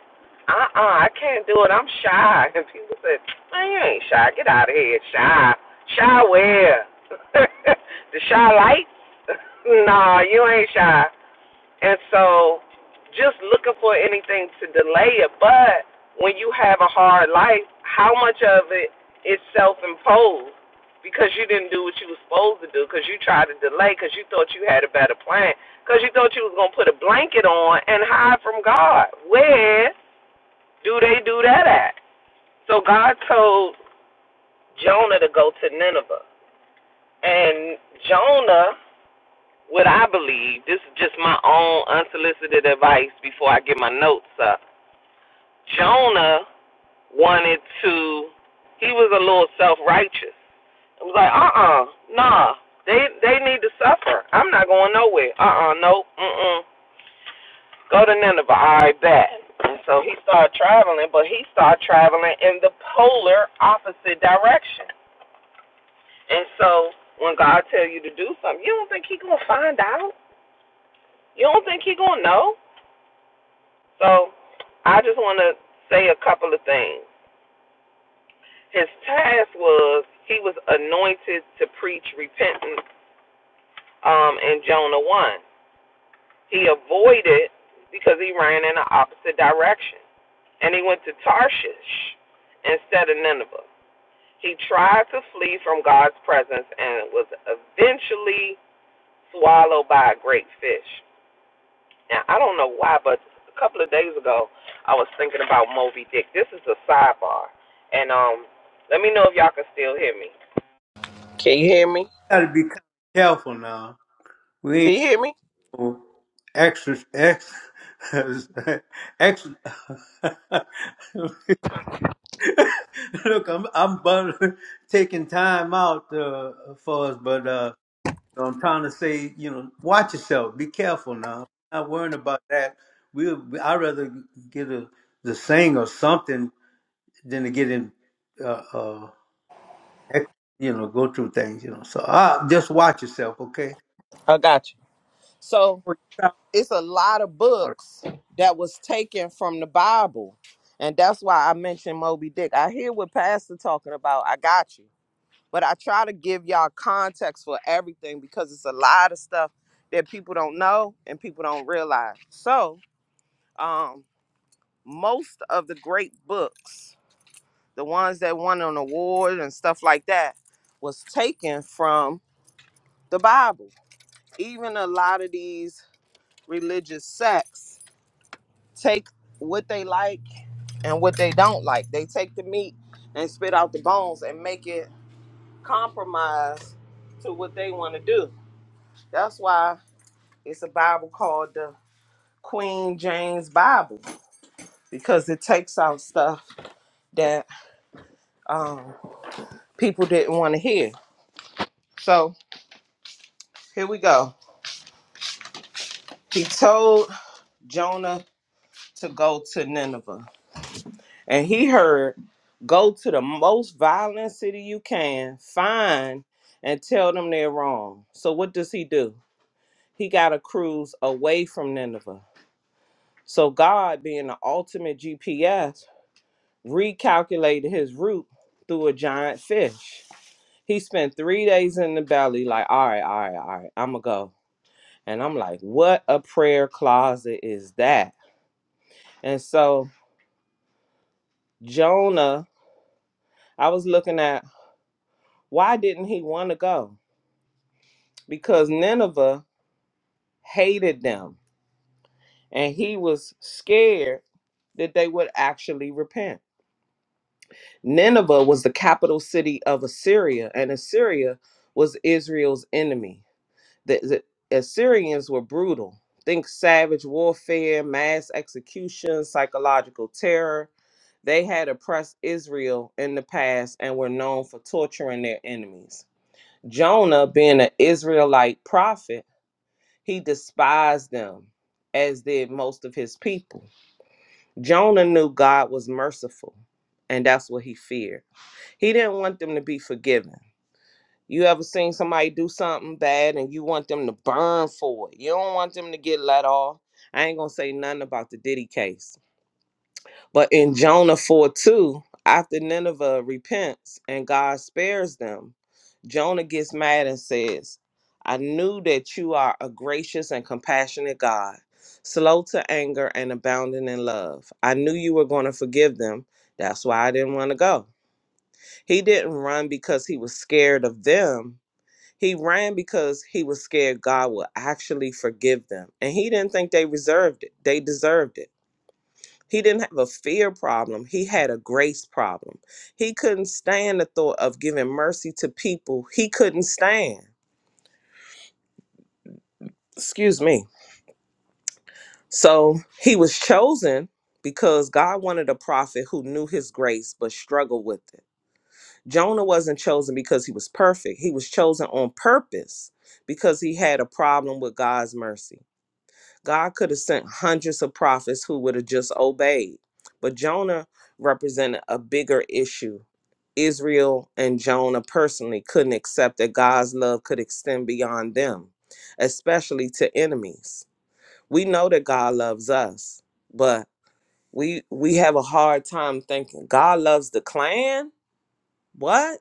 Speaker 2: uh-uh, I can't do it. I'm shy. And people said, man, you ain't shy. Get out of here. Shy. Shy where? the shy light? nah, you ain't shy. And so just looking for anything to delay it. But when you have a hard life, how much of it is self imposed? because you didn't do what you was supposed to do because you tried to delay because you thought you had a better plan because you thought you was going to put a blanket on and hide from God. Where do they do that at? So God told Jonah to go to Nineveh. And Jonah, what I believe, this is just my own unsolicited advice before I get my notes up. Jonah wanted to, he was a little self righteous I was like, uh uh nah. They they need to suffer. I'm not going nowhere. Uh uh no, mm mm. Go to Nineveh, All right, bet. And so he started traveling, but he started traveling in the polar opposite direction. And so when God tells you to do something, you don't think He's gonna find out? You don't think He's gonna know? So I just wanna say a couple of things. His task was he was anointed to preach repentance um in Jonah one. He avoided because he ran in the opposite direction. And he went to Tarshish instead of Nineveh. He tried to flee from God's presence and was eventually swallowed by a great fish. Now, I don't know why, but a couple of days ago, I was thinking about Moby Dick. This is a sidebar. And um, let me know if y'all can still hear me. Can you hear me?
Speaker 1: Gotta be careful now.
Speaker 2: Can you hear me?
Speaker 1: So, Extra, ex, ex. Look, I'm I'm bun- taking time out uh, for us, but uh, I'm trying to say, you know, watch yourself. Be careful now. Not worrying about that. We, we I'd rather get a the sing or something than to get in, uh, uh, ex, you know, go through things, you know. So uh, just watch yourself, okay?
Speaker 2: I got you. So it's a lot of
Speaker 1: All
Speaker 2: books that was taken from the Bible. And that's why I mentioned Moby Dick. I hear what Pastor talking about. I got you. But I try to give y'all context for everything because it's a lot of stuff that people don't know and people don't realize. So, um, most of the great books, the ones that won an award and stuff like that, was taken from the Bible. Even a lot of these religious sects take what they like and what they don't like. They take the meat and spit out the bones and make it compromise to what they want to do. That's why it's a Bible called the Queen James Bible because it takes out stuff that um, people didn't want to hear. So here we go. He told Jonah to go to Nineveh, and he heard, Go to the most violent city you can, find and tell them they're wrong. So what does he do? he got a cruise away from Nineveh. So God, being the ultimate GPS, recalculated his route through a giant fish. He spent three days in the belly, like, all right, all right, all right, I'ma go. And I'm like, what a prayer closet is that? And so Jonah, I was looking at why didn't he want to go? Because Nineveh hated them and he was scared that they would actually repent. Nineveh was the capital city of Assyria, and Assyria was Israel's enemy. The, the Assyrians were brutal. Think savage warfare, mass execution, psychological terror. They had oppressed Israel in the past and were known for torturing their enemies. Jonah, being an Israelite prophet, he despised them, as did most of his people. Jonah knew God was merciful, and that's what he feared. He didn't want them to be forgiven. You ever seen somebody do something bad and you want them to burn for it? You don't want them to get let off. I ain't gonna say nothing about the Diddy case. But in Jonah 4 2, after Nineveh repents and God spares them, Jonah gets mad and says, I knew that you are a gracious and compassionate God, slow to anger and abounding in love. I knew you were going to forgive them. That's why I didn't want to go. He didn't run because he was scared of them. He ran because he was scared God would actually forgive them. And he didn't think they reserved it. They deserved it. He didn't have a fear problem. He had a grace problem. He couldn't stand the thought of giving mercy to people he couldn't stand. Excuse me. So he was chosen because God wanted a prophet who knew his grace but struggled with it. Jonah wasn't chosen because he was perfect. He was chosen on purpose because he had a problem with God's mercy. God could have sent hundreds of prophets who would have just obeyed, but Jonah represented a bigger issue. Israel and Jonah personally couldn't accept that God's love could extend beyond them, especially to enemies. We know that God loves us, but we we have a hard time thinking God loves the clan? What?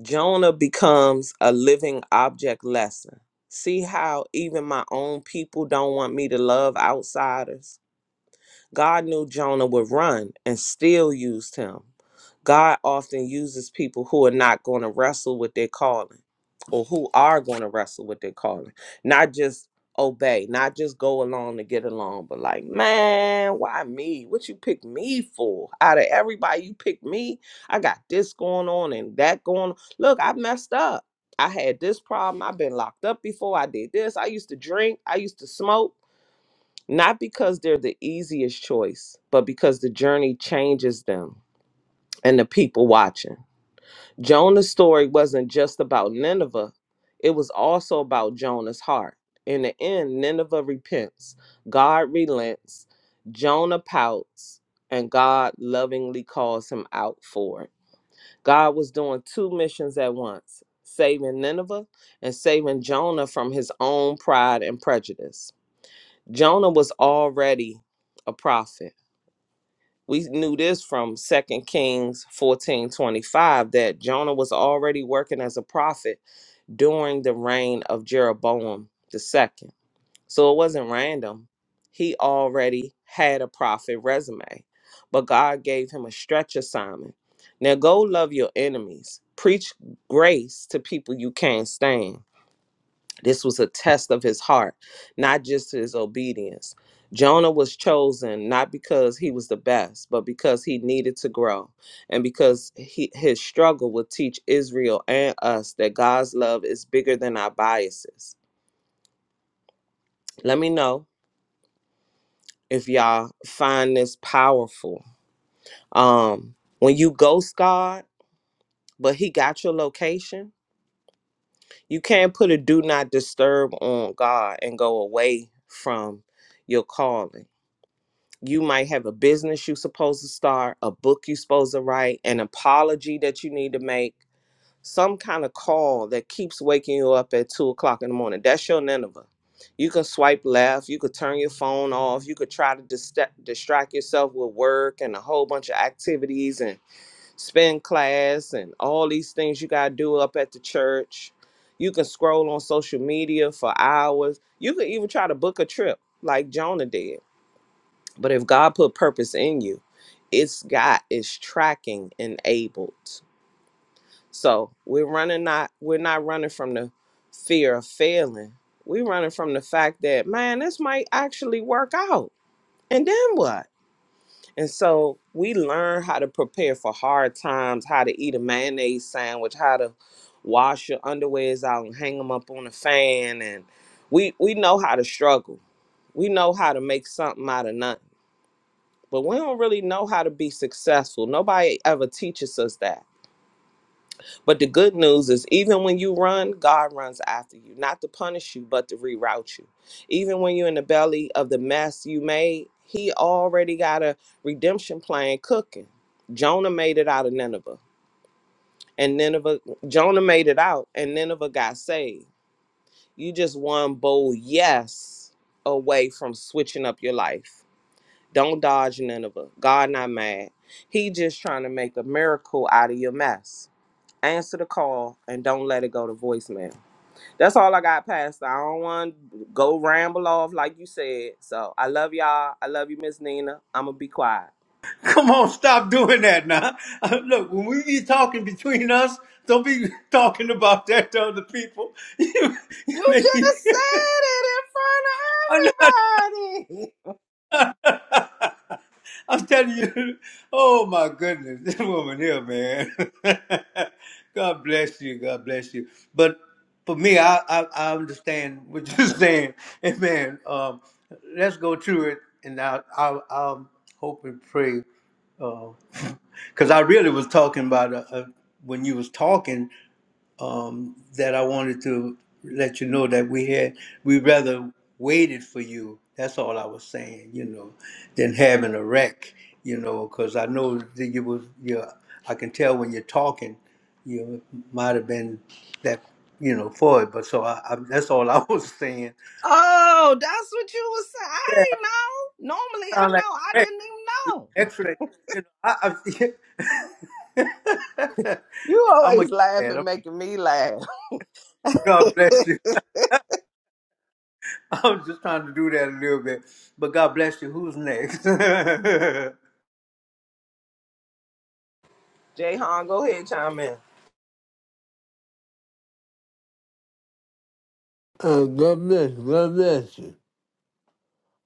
Speaker 2: Jonah becomes a living object lesson. See how even my own people don't want me to love outsiders? God knew Jonah would run and still used him. God often uses people who are not going to wrestle with their calling or who are going to wrestle with their calling, not just obey, not just go along to get along, but like, man, why me? What you pick me for? Out of everybody, you pick me. I got this going on and that going on. Look, I messed up. I had this problem. I've been locked up before. I did this. I used to drink. I used to smoke not because they're the easiest choice, but because the journey changes them and the people watching. Jonah's story wasn't just about Nineveh, it was also about Jonah's heart. In the end, Nineveh repents, God relents, Jonah pouts, and God lovingly calls him out for it. God was doing two missions at once saving Nineveh and saving Jonah from his own pride and prejudice. Jonah was already a prophet. We knew this from Second Kings 14 25 that Jonah was already working as a prophet during the reign of Jeroboam the second. So it wasn't random. He already had a prophet resume, but God gave him a stretch assignment. Now go love your enemies, preach grace to people you can't stand this was a test of his heart, not just his obedience. Jonah was chosen not because he was the best, but because he needed to grow and because he, his struggle would teach Israel and us that God's love is bigger than our biases. Let me know if y'all find this powerful. Um, when you ghost God, but he got your location, you can't put a do not disturb on God and go away from your calling you might have a business you're supposed to start, a book you're supposed to write, an apology that you need to make, some kind of call that keeps waking you up at two o'clock in the morning. That's your Nineveh. You can swipe left, you could turn your phone off, you could try to dist- distract yourself with work and a whole bunch of activities and spin class and all these things you got to do up at the church. You can scroll on social media for hours. You could even try to book a trip like Jonah did but if God put purpose in you, it's God is tracking enabled. So we're running not we're not running from the fear of failing. We're running from the fact that man, this might actually work out. And then what? And so we learn how to prepare for hard times, how to eat a mayonnaise sandwich, how to wash your underwears out and hang them up on a fan, and we we know how to struggle. We know how to make something out of nothing but we don't really know how to be successful. Nobody ever teaches us that. But the good news is, even when you run, God runs after you, not to punish you, but to reroute you. Even when you're in the belly of the mess you made, He already got a redemption plan cooking. Jonah made it out of Nineveh, and Nineveh, Jonah made it out, and Nineveh got saved. You just one bold yes away from switching up your life. Don't dodge Nineveh. God not mad. He just trying to make a miracle out of your mess. Answer the call and don't let it go to voicemail. That's all I got, Pastor. I don't want to go ramble off like you said. So I love y'all. I love you, Miss Nina. I'm gonna be quiet.
Speaker 1: Come on, stop doing that now. Look, when we be talking between us, don't be talking about that to other people.
Speaker 2: You just said it in
Speaker 1: I'm not.
Speaker 2: front of everybody.
Speaker 1: I'm telling you. Oh my goodness, this woman here, man. God bless you. God bless you. But for me, I I, I understand what you're saying, and man, um, let's go through it, and I I I'll I'll hope and pray. because I really was talking about uh, uh, when you was talking um, that I wanted to let you know that we had we rather waited for you. That's all I was saying, you know, than having a wreck, you know, because I know that you was you. I can tell when you're talking, you might have been that, you know, for it. But so I, I that's all I was saying.
Speaker 2: Oh, that's what you was saying. I ain't know. Normally, I
Speaker 1: Sound like
Speaker 2: know. I
Speaker 1: a wreck.
Speaker 2: didn't even know.
Speaker 1: Excellent. You know, I, I,
Speaker 2: You
Speaker 1: I'm gonna get
Speaker 2: always
Speaker 1: that.
Speaker 2: laughing, making me laugh.
Speaker 1: God bless you. I was just trying to do that a little bit, but God bless you. Who's next?
Speaker 2: Jay Han, go ahead, chime in.
Speaker 3: Uh, God bless, God bless you.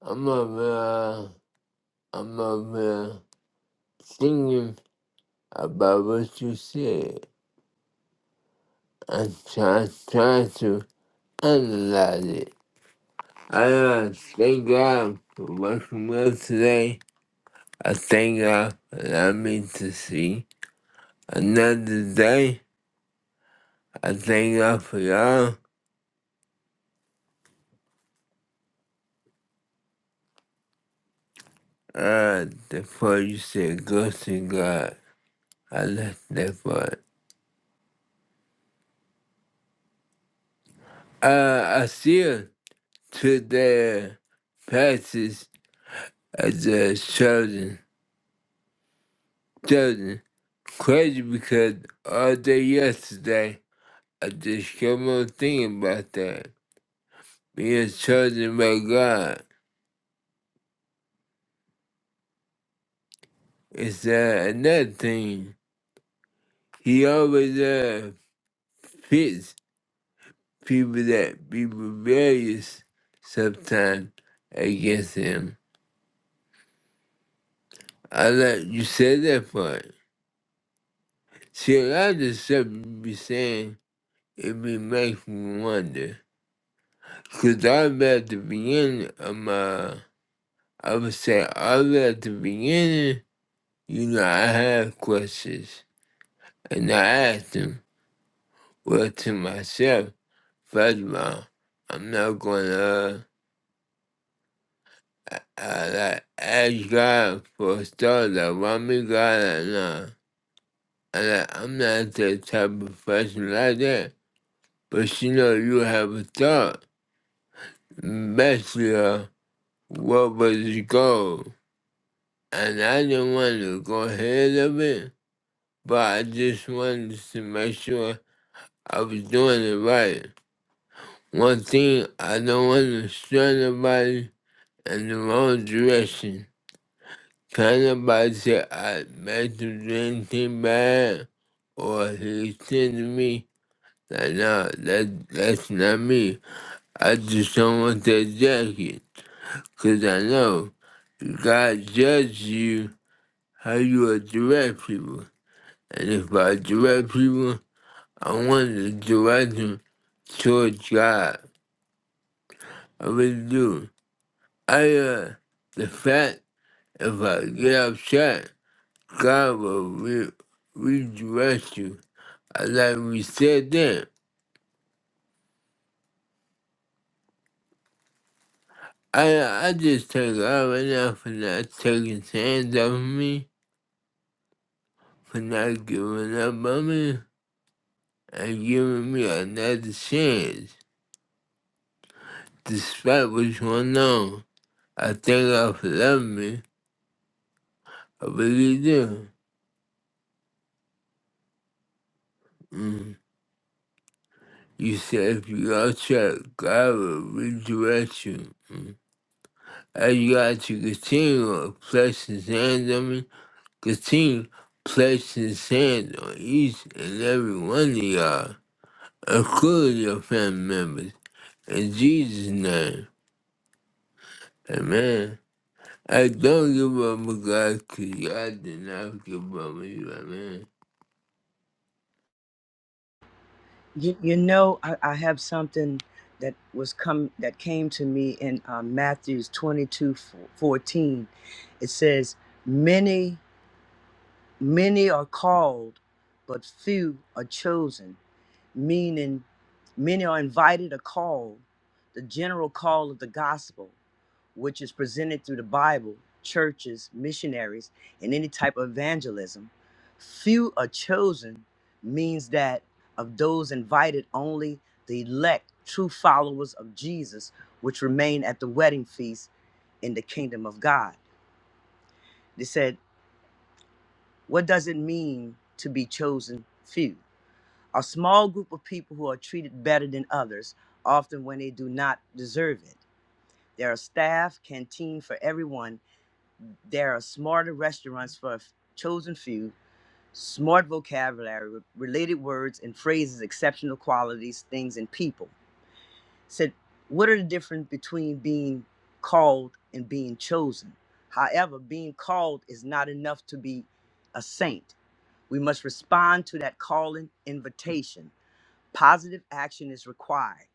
Speaker 3: I'm up uh, I'm up over singing about what you said and try, try to analyze it. I uh, thank God for working well today. I thank God for allowing me to see another day. I thank God for y'all. Uh, before you said go to God, I left that part. Uh, I still to the passage as a children. Children, crazy because all day yesterday. I just kept on thinking about that. Being chosen by God is uh, another thing. He always uh, pits people that be rebellious sometimes against him. I like you said that part. See, a lot of the stuff you be saying, it be making me wonder. Because I'm at the beginning of my, I would say, I'm at the beginning, you know, I have questions. And I asked him, well, to myself, first of all, I'm not going to uh, uh, like, ask God for stuff that want me God or not. And like, I'm not that type of person like that. But you know, you have a thought, basically, uh, what was his goal? And I didn't want to go ahead of it, but I just wanted to make sure I was doing it right. One thing I don't understand nobody in the wrong direction. Can nobody say I meant to do anything bad or he said to me like no, that that's not me. I just don't want that jacket. Cause I know God judges you how you direct people. And if I direct people, I want to direct them towards God. I really do. I uh, the fact if I get upset, God will re- redirect you. I like we said then. I I just thank God right now for not taking his hands off me, for not giving up on me, and giving me another chance. Despite what's going on, I thank God for loving me. I really do. Mm. You said if you go check, God will redirect you. As you guys to continue to place his hands on me, continue to place his hands on each and every one of y'all, including your family members. In Jesus' name, amen. I don't give up on God because God did not give up on you, amen.
Speaker 4: You, you know, I, I have something that was come that came to me in uh, Matthew's 22 14, It says, Many, many are called, but few are chosen meaning many are invited or called, the general call of the gospel, which is presented through the Bible, churches, missionaries, and any type of evangelism. Few are chosen means that of those invited, only the elect, true followers of Jesus, which remain at the wedding feast in the kingdom of God. They said, What does it mean to be chosen few? A small group of people who are treated better than others, often when they do not deserve it. There are staff, canteen for everyone. There are smarter restaurants for a chosen few, smart vocabulary, related words and phrases, exceptional qualities, things, and people. Said, what are the difference between being called and being chosen? However, being called is not enough to be a saint. We must respond to that calling invitation Positive action is required.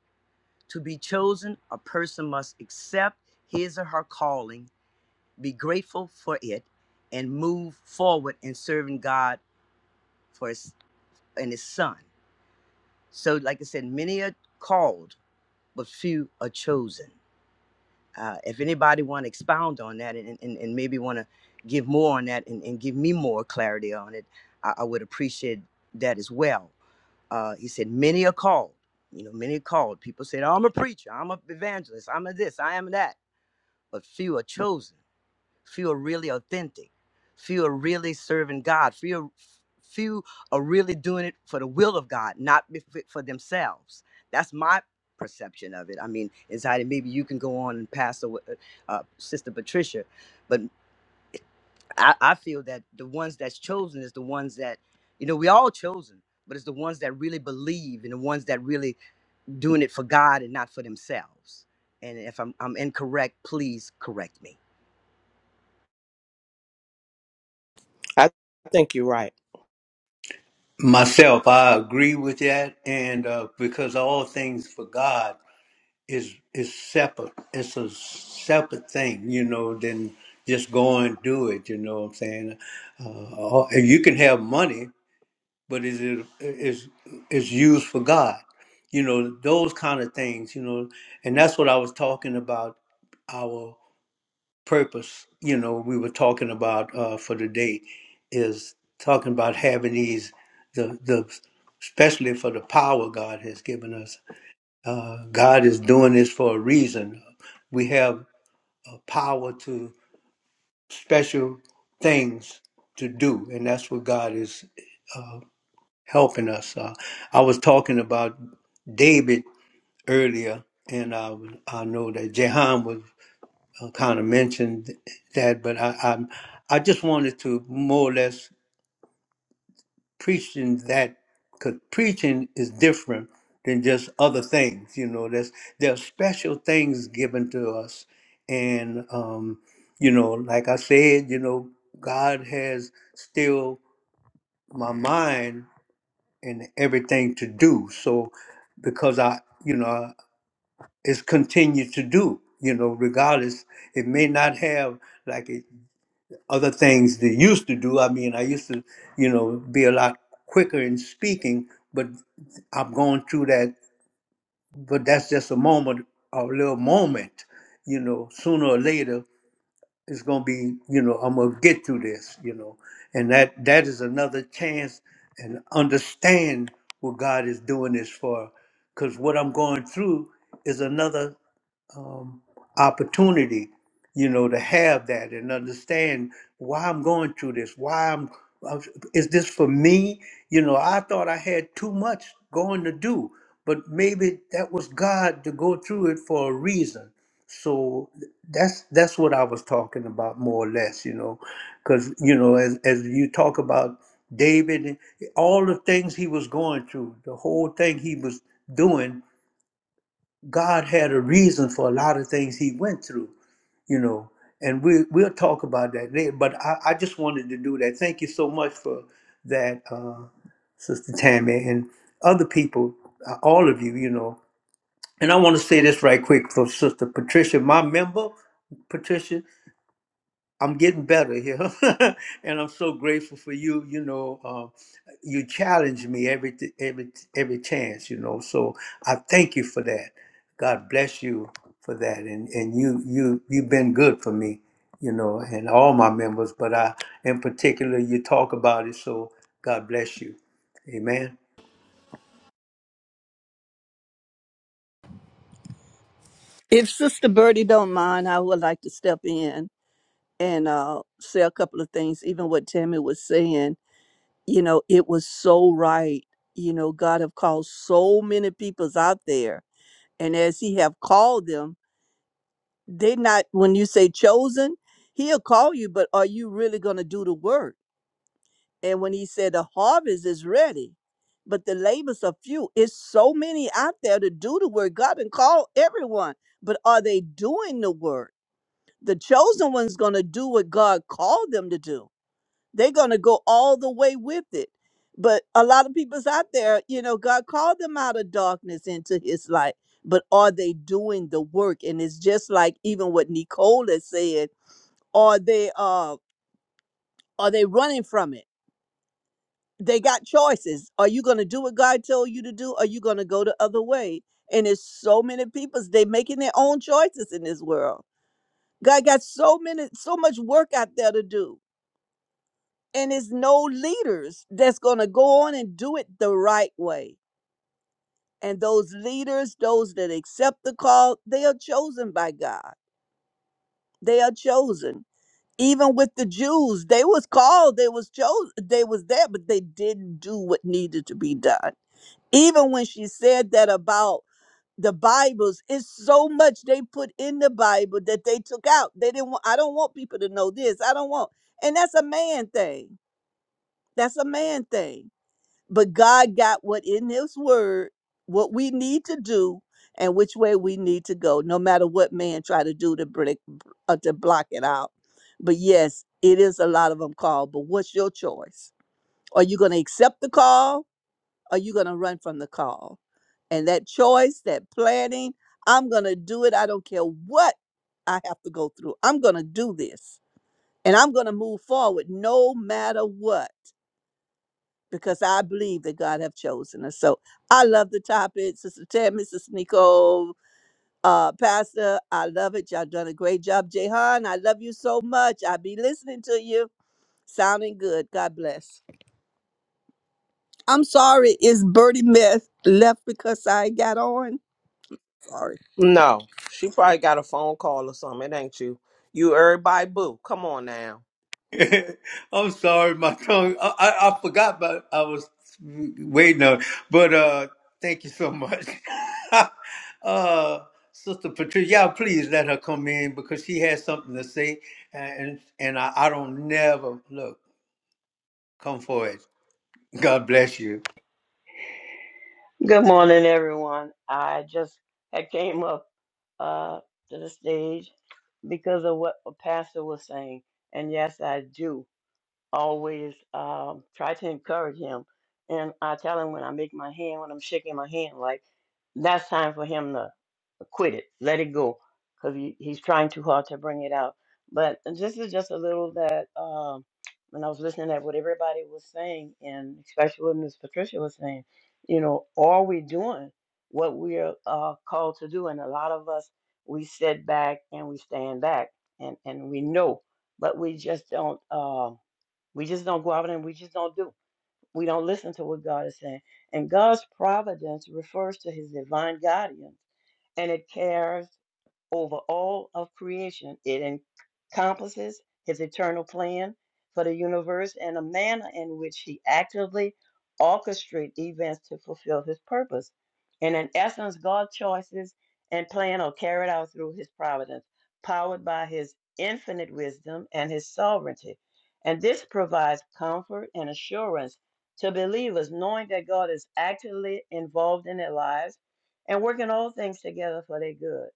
Speaker 4: To be chosen, a person must accept his or her calling, be grateful for it, and move forward in serving God for his, and his son. So, like I said, many are called, but few are chosen. Uh, if anybody want to expound on that and, and, and maybe want to give more on that and, and give me more clarity on it, I, I would appreciate that as well. uh, he said, many are called. You know, many are called. People said, oh, I'm a preacher, I'm a evangelist, I'm a this, I am that. But few are chosen. Few are really authentic. Few are really serving God. Few are, few are really doing it for the will of God, not be- for for themselves. That's my perception of it. I mean, inside, and maybe you can go on and pass away, uh, uh, Sister Patricia, but I, I feel that the ones that's chosen is the ones that, you know, we all chosen, but it's the ones that really believe and the ones that really doing it for God and not for themselves. And if I'm, I'm incorrect, please correct me.
Speaker 2: I think you're right.
Speaker 1: Myself, I agree with that, and uh, because all things for God is is separate. It's a separate thing, you know. Than just go and do it. You know what I'm saying? Uh, all- and you can have money, but is it is is used for God? You know those kind of things. You know, and that's what I was talking about. purpose, you know, we were talking about uh, for the day is talking about having these, the, the, especially for the power God has given us. Uh, God is doing this for a reason. We have a power to special things to do, and that's what God is helping us. Uh, I was talking about David earlier, and I, I know that Jehan was. kind of mentioned that, but I, I'm, I just wanted to more or less preach in that because preaching is different than just other things. You know, there's there are special things given to us, and um, you know, like I said, you know, God has still my mind and everything to do. So because I, you know, it's continued to do. You know, regardless, it may not have like it other things that used to do. I mean, I used to, you know, be a lot quicker in speaking, but I'm going through that. But that's just a moment, a little moment, you know. Sooner or later, it's gonna be, you know, I'm gonna get through this, you know. And that that is another chance and understand what God is doing this for, because what I'm going through is another um, opportunity, you know, to have that and understand why I'm going through this. Why I'm I'm- is this for me? You know, I thought I had too much going to do, but maybe that was God to go through it for a reason. So that's that's what I was talking about more or less, you know, because you know, as as you talk about David, and all the things he was going through, the whole thing he was doing God had a reason for a lot of things he went through, you know, and we, we'll talk about that later. But I, I just wanted to do that. Thank you so much for that, uh, Sister Tammy, and other people, uh, all of you, you know. And I want to say this right quick for Sister Patricia, my member, Patricia. I'm getting better here, and I'm so grateful for you. You know, uh, you challenge me every t- every t- every chance. You know, so I thank you for that. God bless you for that, and and you you you've been good for me. You know, and all my members, but I in particular, you talk about it. So God bless you. Amen.
Speaker 5: If Sister Birdie don't mind, I would like to step in and uh, say a couple of things. Even what Tammy was saying, you know, it was so right. You know, God have called so many peoples out there, and as He have called them, they not when you say chosen, He'll call you, but are you really going to do the work? And when He said the harvest is ready, but the labors are few, it's so many out there to do the work. God and call everyone, but are they doing the work? the chosen one's going to do what God called them to do. They're going to go all the way with it. But a lot of people's out there, you know, God called them out of darkness into his light. But are they doing the work? And it's just like even what Nicole has said, are they uh are they running from it? They got choices. Are you gonna do what God told you to do? Or are you gonna go the other way? And it's so many people's they making their own choices in this world. God got so many so much work out there to do and it's no leaders that's going to go on and do it the right way and those leaders those that accept the call they are chosen by god they are chosen even with the jews they was called they was chosen they was there but they didn't do what needed to be done even when she said that about the bibles it's so much they put in the bible that they took out they didn't want i don't want people to know this i don't want and that's a man thing that's a man thing but God got what in His Word, what we need to do, and which way we need to go, no matter what man try to do to break, uh, to block it out. But yes, it is a lot of them called. But what's your choice? Are you going to accept the call? Or are you going to run from the call? And that choice, that planning, I'm going to do it. I don't care what I have to go through. I'm going to do this, and I'm going to move forward no matter what because I believe that God have chosen us. So I love the topic, Sister Tammy, Sister Nicole, uh, Pastor. I love it. Y'all done a great job, Jehan. I love you so much. I be listening to you. Sounding good. God bless. I'm sorry. Is Birdie Meth left because I got on? Sorry.
Speaker 2: No, she probably got a phone call or something. It ain't you. You everybody boo. Come on now.
Speaker 1: I'm sorry, my tongue. I, I, I forgot, but I was waiting on. But uh, thank you so much, uh, Sister Patricia. Y'all, please let her come in because she has something to say, and and I, I don't never look. Come for it. God bless you.
Speaker 6: Good morning, everyone. I just had came up uh, to the stage because of what a pastor was saying, and yes, I do always um, try to encourage him. And I tell him when I make my hand, when I'm shaking my hand, like that's time for him to quit it, let it go, because he, he's trying too hard to bring it out. But this is just a little that um, when I was listening at what everybody was saying, and especially what Miss Patricia was saying, you know, are we doing what we are uh, called to do? And a lot of us, we sit back and we stand back, and and we know, but we just don't. Um, we just don't go out and we just don't do. We don't listen to what God is saying. And God's providence refers to his divine guidance and it cares over all of creation. It encompasses his eternal plan for the universe and a manner in which he actively orchestrates events to fulfill his purpose. And in essence, God's choices and plan are carried out through his providence, powered by his infinite wisdom and his sovereignty. And this provides comfort and assurance to believers, knowing that God is actively involved in their lives and working all things together for their good.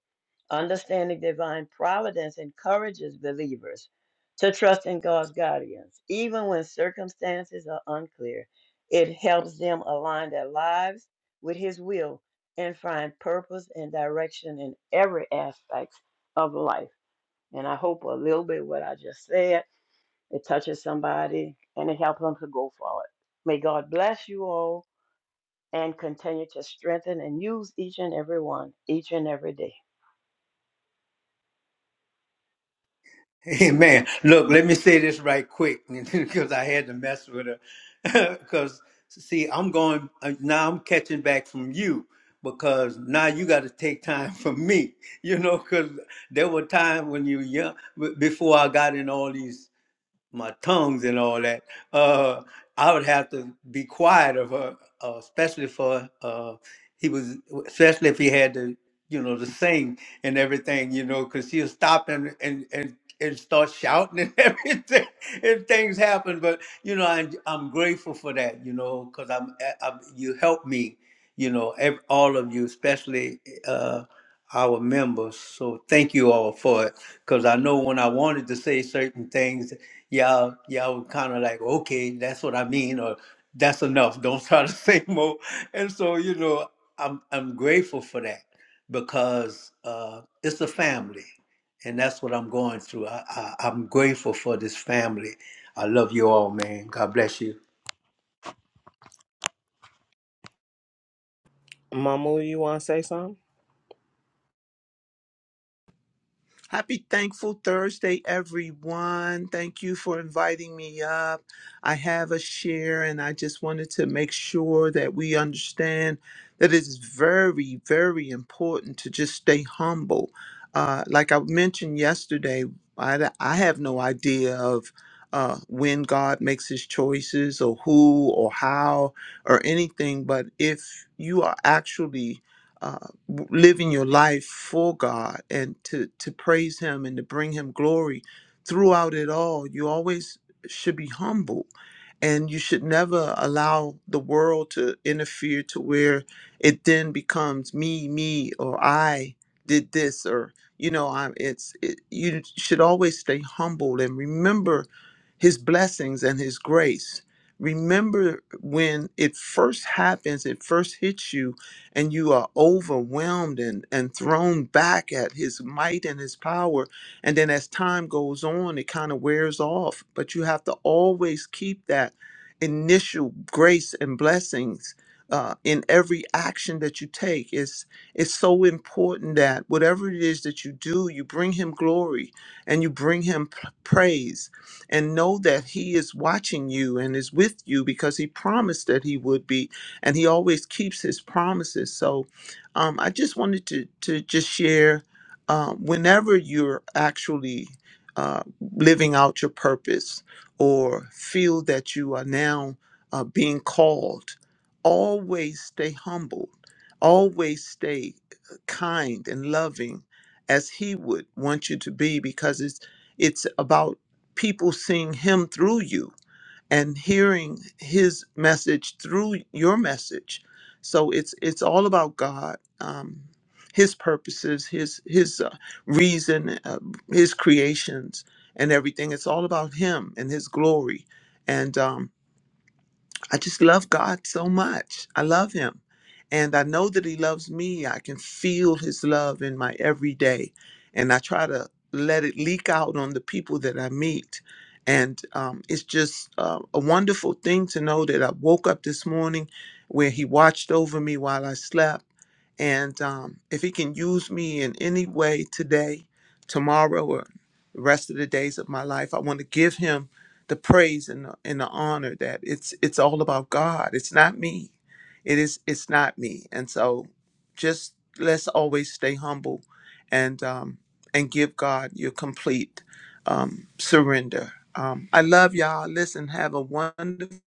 Speaker 6: Understanding divine providence encourages believers to trust in God's guidance, even when circumstances are unclear. It helps them align their lives with His will and find purpose and direction in every aspect of life. And I hope a little bit what I just said it touches somebody and it helps them to go forward. May God bless you all and continue to strengthen and use each and every one each and every day.
Speaker 1: Amen. Look, let me say this right quick because I had to mess with her. Because see, I'm going uh, now. I'm catching back from you because now you got to take time from me. You know, because there were times when you were young b- before I got in all these my tongues and all that, uh, I would have to be quiet of her, uh, especially for uh, he was, especially if he had to, you know, to sing and everything, you know, because she'll stop and and and and start shouting and everything, and things happen. But you know, I'm, I'm grateful for that, you know, because I'm, I, I'm you helped me you know, ev all of you, especially uh, our members. So thank you all for it, because I know when I wanted to say certain things, y'all, y'all were kind of like, okay, that's what I mean, or that's enough. Don't try to say more. And so, you know, I'm I'm grateful for that because uh, it's a family, and that's what I'm going through. I, I, I'm grateful for this family. I love you all, man. God bless you.
Speaker 2: Mama, you want to say something?
Speaker 7: Happy Thankful Thursday, everyone. Thank you for inviting me up. I have a share, and I just wanted to make sure that we understand that it is very, very important to just stay humble. Uh, like I mentioned yesterday, I, I have no idea of uh, when God makes his choices or who or how or anything, but if you are actually uh, living your life for God and to to praise him and to bring him glory throughout it all you always should be humble and you should never allow the world to interfere to where it then becomes me me or I did this or you know I'm it's it, you should always stay humble and remember his blessings and his grace remember when it first happens it first hits you and you are overwhelmed and, and thrown back at his might and his power. And then as time goes on, it kind of wears off. But you have to always keep that initial grace and blessings uh, in every action that you take. It's it's so important that whatever it is that you do, you bring him glory and you bring him p- praise and know that he is watching you and is with you because he promised that he would be and he always keeps his promises. So um, I just wanted to to just share uh, whenever you're actually uh, living out your purpose or feel that you are now uh, being called, always stay humble, always stay uh, kind and loving as he would want you to be because it's it's about people seeing him through you and hearing his message through your message so it's it's all about god um his purposes his his uh, reason uh, his creations and everything it's all about him and his glory and um I just love God so much. I love Him. And I know that He loves me. I can feel His love in my everyday. And I try to let it leak out on the people that I meet. And um, it's just uh, a wonderful thing to know that I woke up this morning where He watched over me while I slept. And um, if He can use me in any way today, tomorrow, or the rest of the days of my life, I want to give Him the praise and the, and the honor that it's it's all about God. It's not me. It is it's not me. And so just let's always stay humble and um and give God your complete um surrender. Um I love y'all. Listen, have a wonderful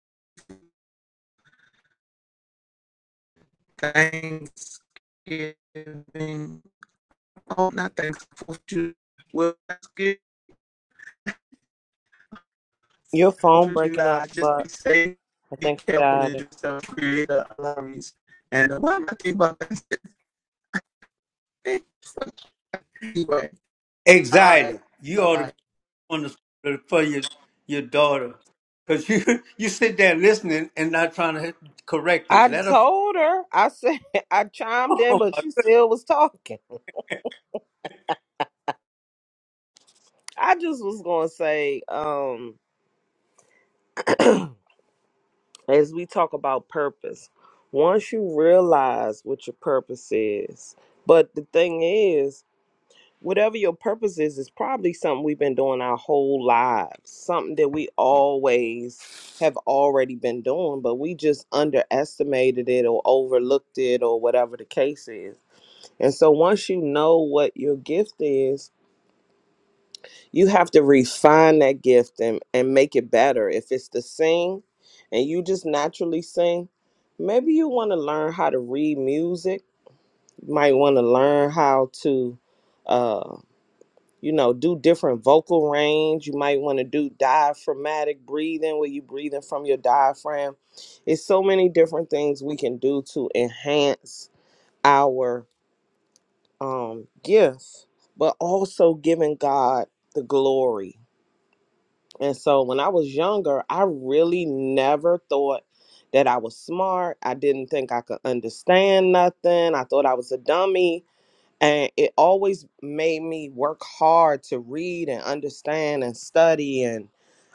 Speaker 7: Thanksgiving. Oh, not Thanksgiving. Fourth of July. Well, Thanksgiving.
Speaker 2: Your
Speaker 7: Fourth
Speaker 2: phone
Speaker 7: of
Speaker 2: breaking
Speaker 7: July,
Speaker 2: up,
Speaker 7: just be
Speaker 2: but
Speaker 7: safe,
Speaker 2: I
Speaker 7: be
Speaker 2: think you
Speaker 7: careful
Speaker 2: got it.
Speaker 7: of yourself, create alarms. And uh, why am I thinking about that? anyway, all right,
Speaker 1: Anxiety. You
Speaker 7: bye
Speaker 1: ought to
Speaker 7: bye.
Speaker 1: on the, for your your daughter, because you you sit there listening and not trying to correct it.
Speaker 2: I
Speaker 1: Let her
Speaker 2: told her. I said I chimed in, but she still was talking. I just was gonna say, um, as we talk about purpose, once you realize what your purpose is, but the thing is, whatever your purpose is, is probably something we've been doing our whole lives, something that we always have already been doing, but we just underestimated it or overlooked it or whatever the case is. And so once you know what your gift is you have to refine that gift and, and make it better. If it's to sing and you just naturally sing, maybe you want to learn how to read music. You might want to learn how to, uh, you know, do different vocal range. You might want to do diaphragmatic breathing where you breathing from your diaphragm. It's so many different things we can do to enhance our um, gift, but also giving God the glory And so when I was younger, I really never thought that I was smart. I didn't think I could understand nothing. I thought I was a dummy and it always made me work hard to read and understand and study and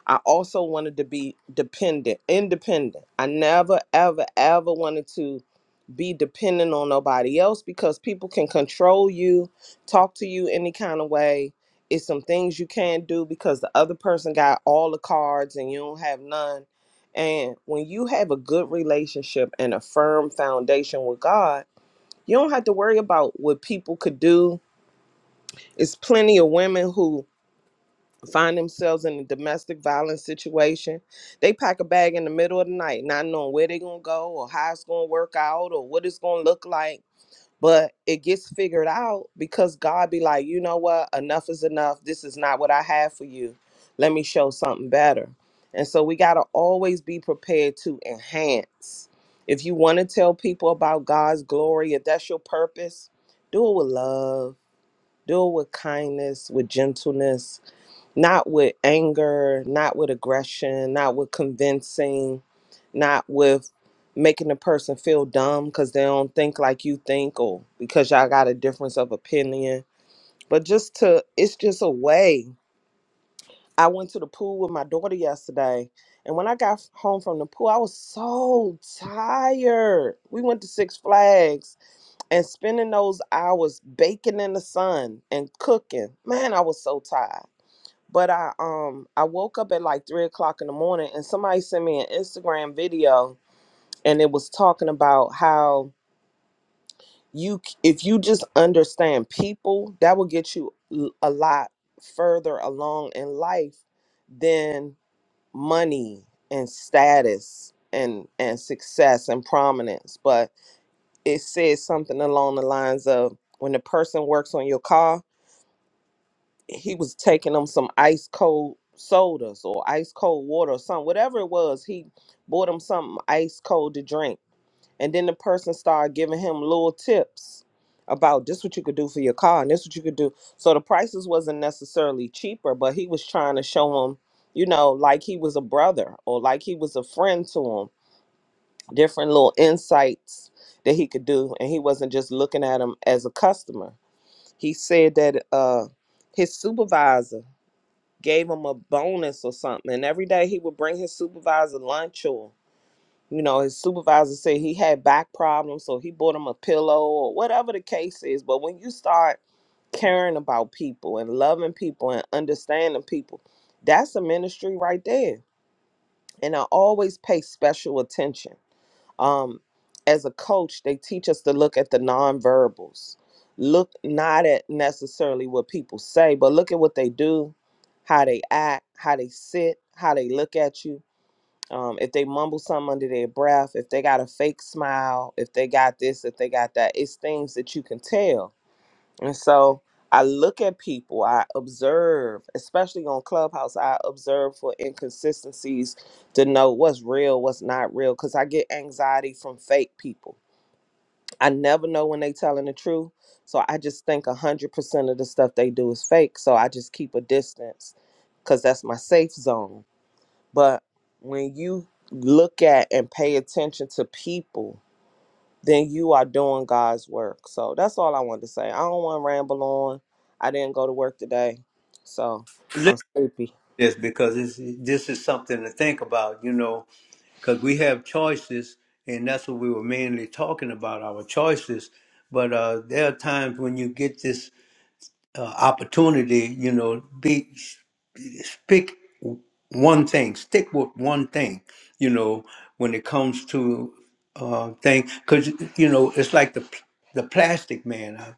Speaker 2: i also wanted to be dependent independent i never ever ever wanted to be dependent on nobody else because people can control you talk to you any kind of way it's some things you can't do because the other person got all the cards and you don't have none and when you have a good relationship and a firm foundation with god you don't have to worry about what people could do. It's plenty of women who find themselves in a domestic violence situation. They pack a bag in the middle of the night, not knowing where they're going to go or how it's going to work out or what it's going to look like but it gets figured out because God be like, you know what? Enough is enough. This is not what I have for you. Let me show something better. And so we got to always be prepared to enhance. If you want to tell people about God's glory, if that's your purpose, do it with love, do it with kindness, with gentleness not with anger, not with aggression, not with convincing, not with making the person feel dumb because they don't think like you think or because y'all got a difference of opinion. But just to, it's just a way. I went to the pool with my daughter yesterday, and when I got home from the pool, I was so tired. We went to Six Flags and spending those hours baking in the sun and cooking. Man, I was so tired. But I um I woke up at like three o'clock in the morning and somebody sent me an Instagram video and it was talking about how you c- if you just understand people that will get you l- a lot further along in life than money and status and and success and prominence. But it says something along the lines of when the person works on your car he was taking them some ice cold sodas or ice cold water or something, whatever it was. He bought him something ice cold to drink, and then the person started giving him little tips about this what you could do for your car and this what you could do. So the prices wasn't necessarily cheaper, but he was trying to show him, you know, like he was a brother or like he was a friend to him. Different little insights that he could do, and he wasn't just looking at him as a customer. He said that uh, his supervisor gave him a bonus or something. And every day he would bring his supervisor lunch or, you know, his supervisor said he had back problems, so he bought him a pillow or whatever the case is. But when you start caring about people and loving people and understanding people, that's a ministry right there. And I always pay special attention um, as a coach, they teach us to look at the nonverbals. Look not at necessarily what people say, but look at what they do, how they act, how they sit, how they look at you. Um, if they mumble something under their breath, if they got a fake smile, if they got this, if they got that, it's things that you can tell and so I look at people, I observe, especially on Clubhouse, I observe for inconsistencies to know what's real, what's not real, because I get anxiety from fake people. I never know when they telling the truth. So I just think 100% of the stuff they do is fake. So I just keep a distance because that's my safe zone. But when you look at and pay attention to people, then you are doing God's work. So that's all I wanted to say. I don't want to ramble on. I didn't go to work today, so
Speaker 1: listen to
Speaker 2: I'm sleepy.
Speaker 1: this because this this is something to think about, you know, because we have choices, and that's what we were mainly talking about our choices. But uh, there are times when you get this uh, opportunity, you know, be pick one thing, stick with one thing, you know, when it comes to uh, thing, because you know it's like the p- the plastic man. I,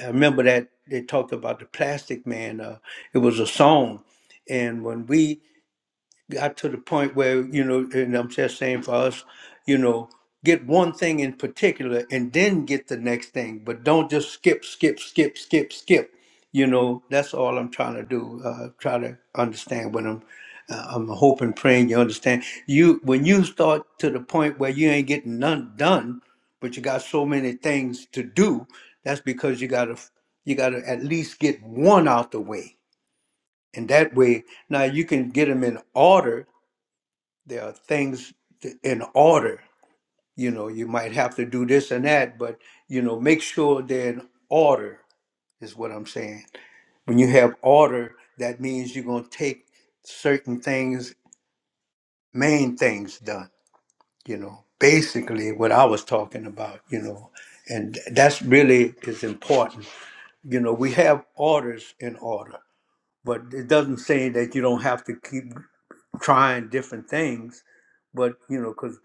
Speaker 1: I remember that they talked about the plastic man. Uh, it was a song, and when we got to the point where you know and i'm just saying for us you know get one thing in particular and then get the next thing but don't just skip skip skip skip skip you know that's all i'm trying to do uh, try to understand what i'm uh, i'm hoping praying you understand you when you start to the point where you ain't getting none done but you got so many things to do that's because you gotta you gotta at least get one out the way and that way now you can get them in order there are things th- in order. You know, you might have to do this and that, but you know, make sure they're in order is what I'm saying. When you have order, that means you're gonna take certain things, main things done. You know, basically what I was talking about. You know, and that's really is important. You know, we have orders in order, but it doesn't say that you don't have to keep trying different things but you know, because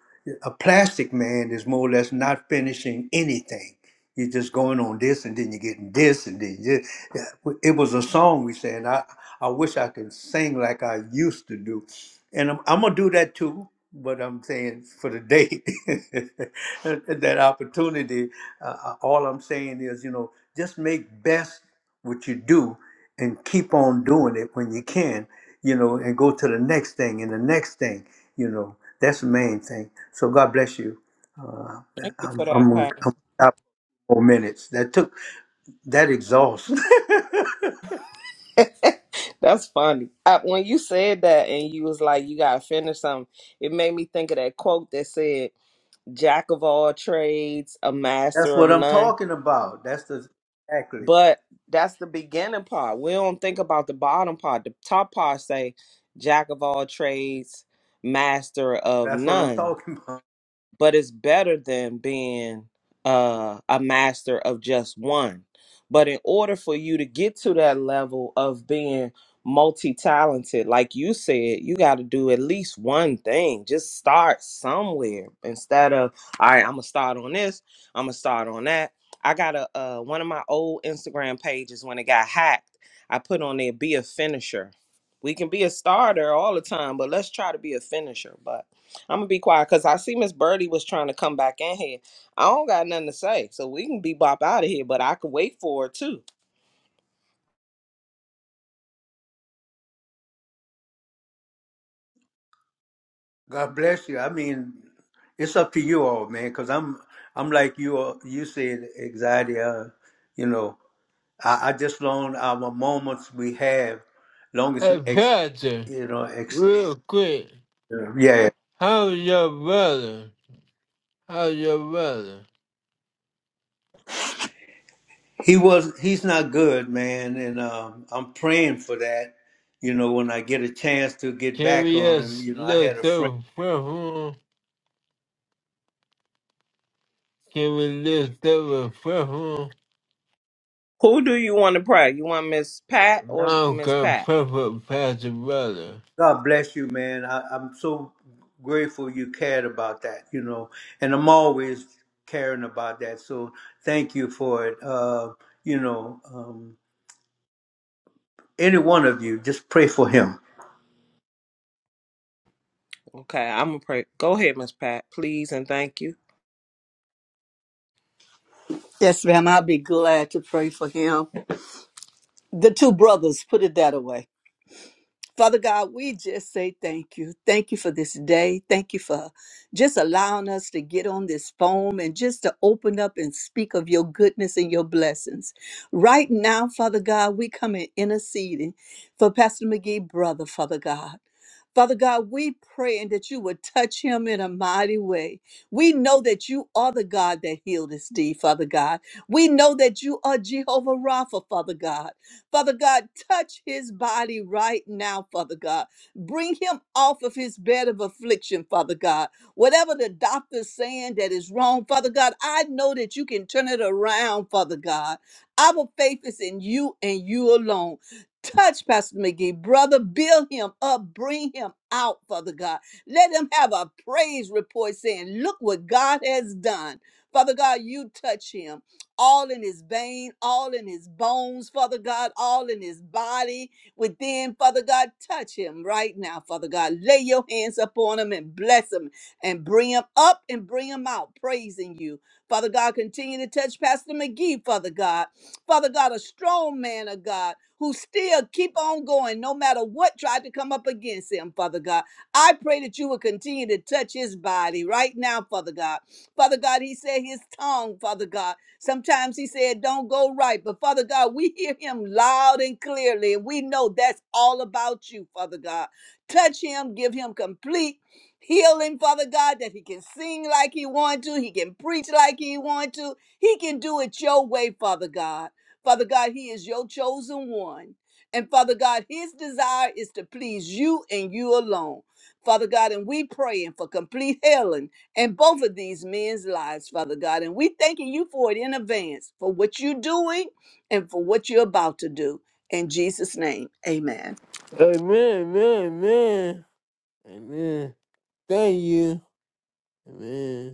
Speaker 1: a plastic man is more or less not finishing anything. You're just going on this, and then you're getting this, and then you yeah. it was a song we sang. I I wish I could sing like I used to do, and I'm I'm gonna do that too. But I'm saying for the day, that opportunity. Uh, uh, all I'm saying is, you know, just make best what you do, and keep on doing it when you can, you know, and go to the next thing and the next thing, you know. That's the main thing. So God bless you. Uh,
Speaker 2: Thank you for
Speaker 1: I'm,
Speaker 2: that,
Speaker 1: I'm, I'm, Four minutes. That took that exhaust.
Speaker 2: Pastor. that's funny. I, when you said that and you was like, you gotta finish something, it made me think of that quote that said, "Jack of all trades, a
Speaker 1: That's
Speaker 2: master of
Speaker 1: what I'm
Speaker 2: none."
Speaker 1: talking about. That's the exactly.
Speaker 2: But that's the beginning part. We don't think about the bottom part. The top part say, "Jack of all trades, master of
Speaker 1: That's what I'm
Speaker 2: none."
Speaker 1: talking about.
Speaker 2: but it's better than being uh, a master of just one. But in order for you to get to that level of being multi talented, like you said, you got to do at least one thing. Just start somewhere instead of, all right, I'm going to start on this, I'm going to start on that. I got a uh, one of my old Instagram pages when it got hacked. I put on there be a finisher. We can be a starter all the time, but let's try to be a finisher. But I'm gonna be quiet because I see Miss Birdie was trying to come back in here. I don't got nothing to say, so we can be bop out of here. But I could wait for her too.
Speaker 1: God bless you. I mean, it's up to you all, man. Because I'm I'm like you. all You said anxiety. Uh, you know, I, I just long our moments we have, Longest
Speaker 3: Hey,
Speaker 1: ex,
Speaker 3: Pastor,
Speaker 1: you know ex.
Speaker 3: real quick,
Speaker 1: Yeah,
Speaker 3: how's your brother? How's your brother?
Speaker 1: he was. He's not good, man, and um, I'm praying for that you know, when I get a chance to get
Speaker 3: Can
Speaker 1: back
Speaker 3: we
Speaker 1: on him,
Speaker 3: just
Speaker 1: you know, I had a
Speaker 3: lift
Speaker 1: friend.
Speaker 3: up a prayer for him? Can we lift up a prayer for him?
Speaker 2: Who do you want to pray? You want Miss Pat or
Speaker 3: Now
Speaker 2: Miss
Speaker 3: God
Speaker 2: Pat?
Speaker 3: perfect Pastor Brother.
Speaker 1: God bless you, man. I, I'm so grateful you cared about that, you know, and I'm always caring about that. So thank you for it. Uh, you know, um, any one of you, just pray for him.
Speaker 2: Okay, I'm gonna pray. Go ahead, Miss Pat, please and thank you.
Speaker 5: Yes, ma'am. I'll be glad to pray for him. the two brothers, put it that away. Father God, we just say thank you. Thank you for this day. Thank you for just allowing us to get on this phone and just to open up and speak of your goodness and your blessings. Right now, Father God, we come in interceding for Pastor McGee, brother, Father God. Father God, we praying that you would touch him in a mighty way. We know that you are the God that healed us, deed, Father God. We know that you are Jehovah Rapha, Father God. Father God, touch his body right now, Father God. Bring him off of his bed of affliction, Father God. Whatever the doctor's saying that is wrong, Father God, I know that you can turn it around, Father God. Our faith is in you and you alone. Touch Pastor McGee, brother, build him up, bring him out, Father God. Let him have a praise report saying, Look what God has done. Father God, you touch him all in his vein, all in his bones, Father God, all in his body within, Father God. Touch him right now, Father God. Lay your hands upon him and bless him and bring him up and bring him out, praising you. Father God, continue to touch Pastor McGee, Father God. Father God, a strong man of God who still keep on going no matter what tried to come up against him, Father God. I pray that you will continue to touch his body right now, Father God. Father God, he said his tongue, Father God. Sometimes he said, Don't go right. But Father God, we hear him loud and clearly. And we know that's all about you, Father God. Touch him, give him complete healing, Father God, that he can sing like he wants to, he can preach like he wants to. He can do it your way, Father God. Father God, he is your chosen one. And Father God, his desire is to please you and you alone. Father God, and we praying for complete healing in both of these men's lives, Father God. And we thanking you for it in advance for what you're doing and for what you're about to do. In Jesus' name, amen.
Speaker 3: Amen, amen, amen. Amen. Thank you. Amen.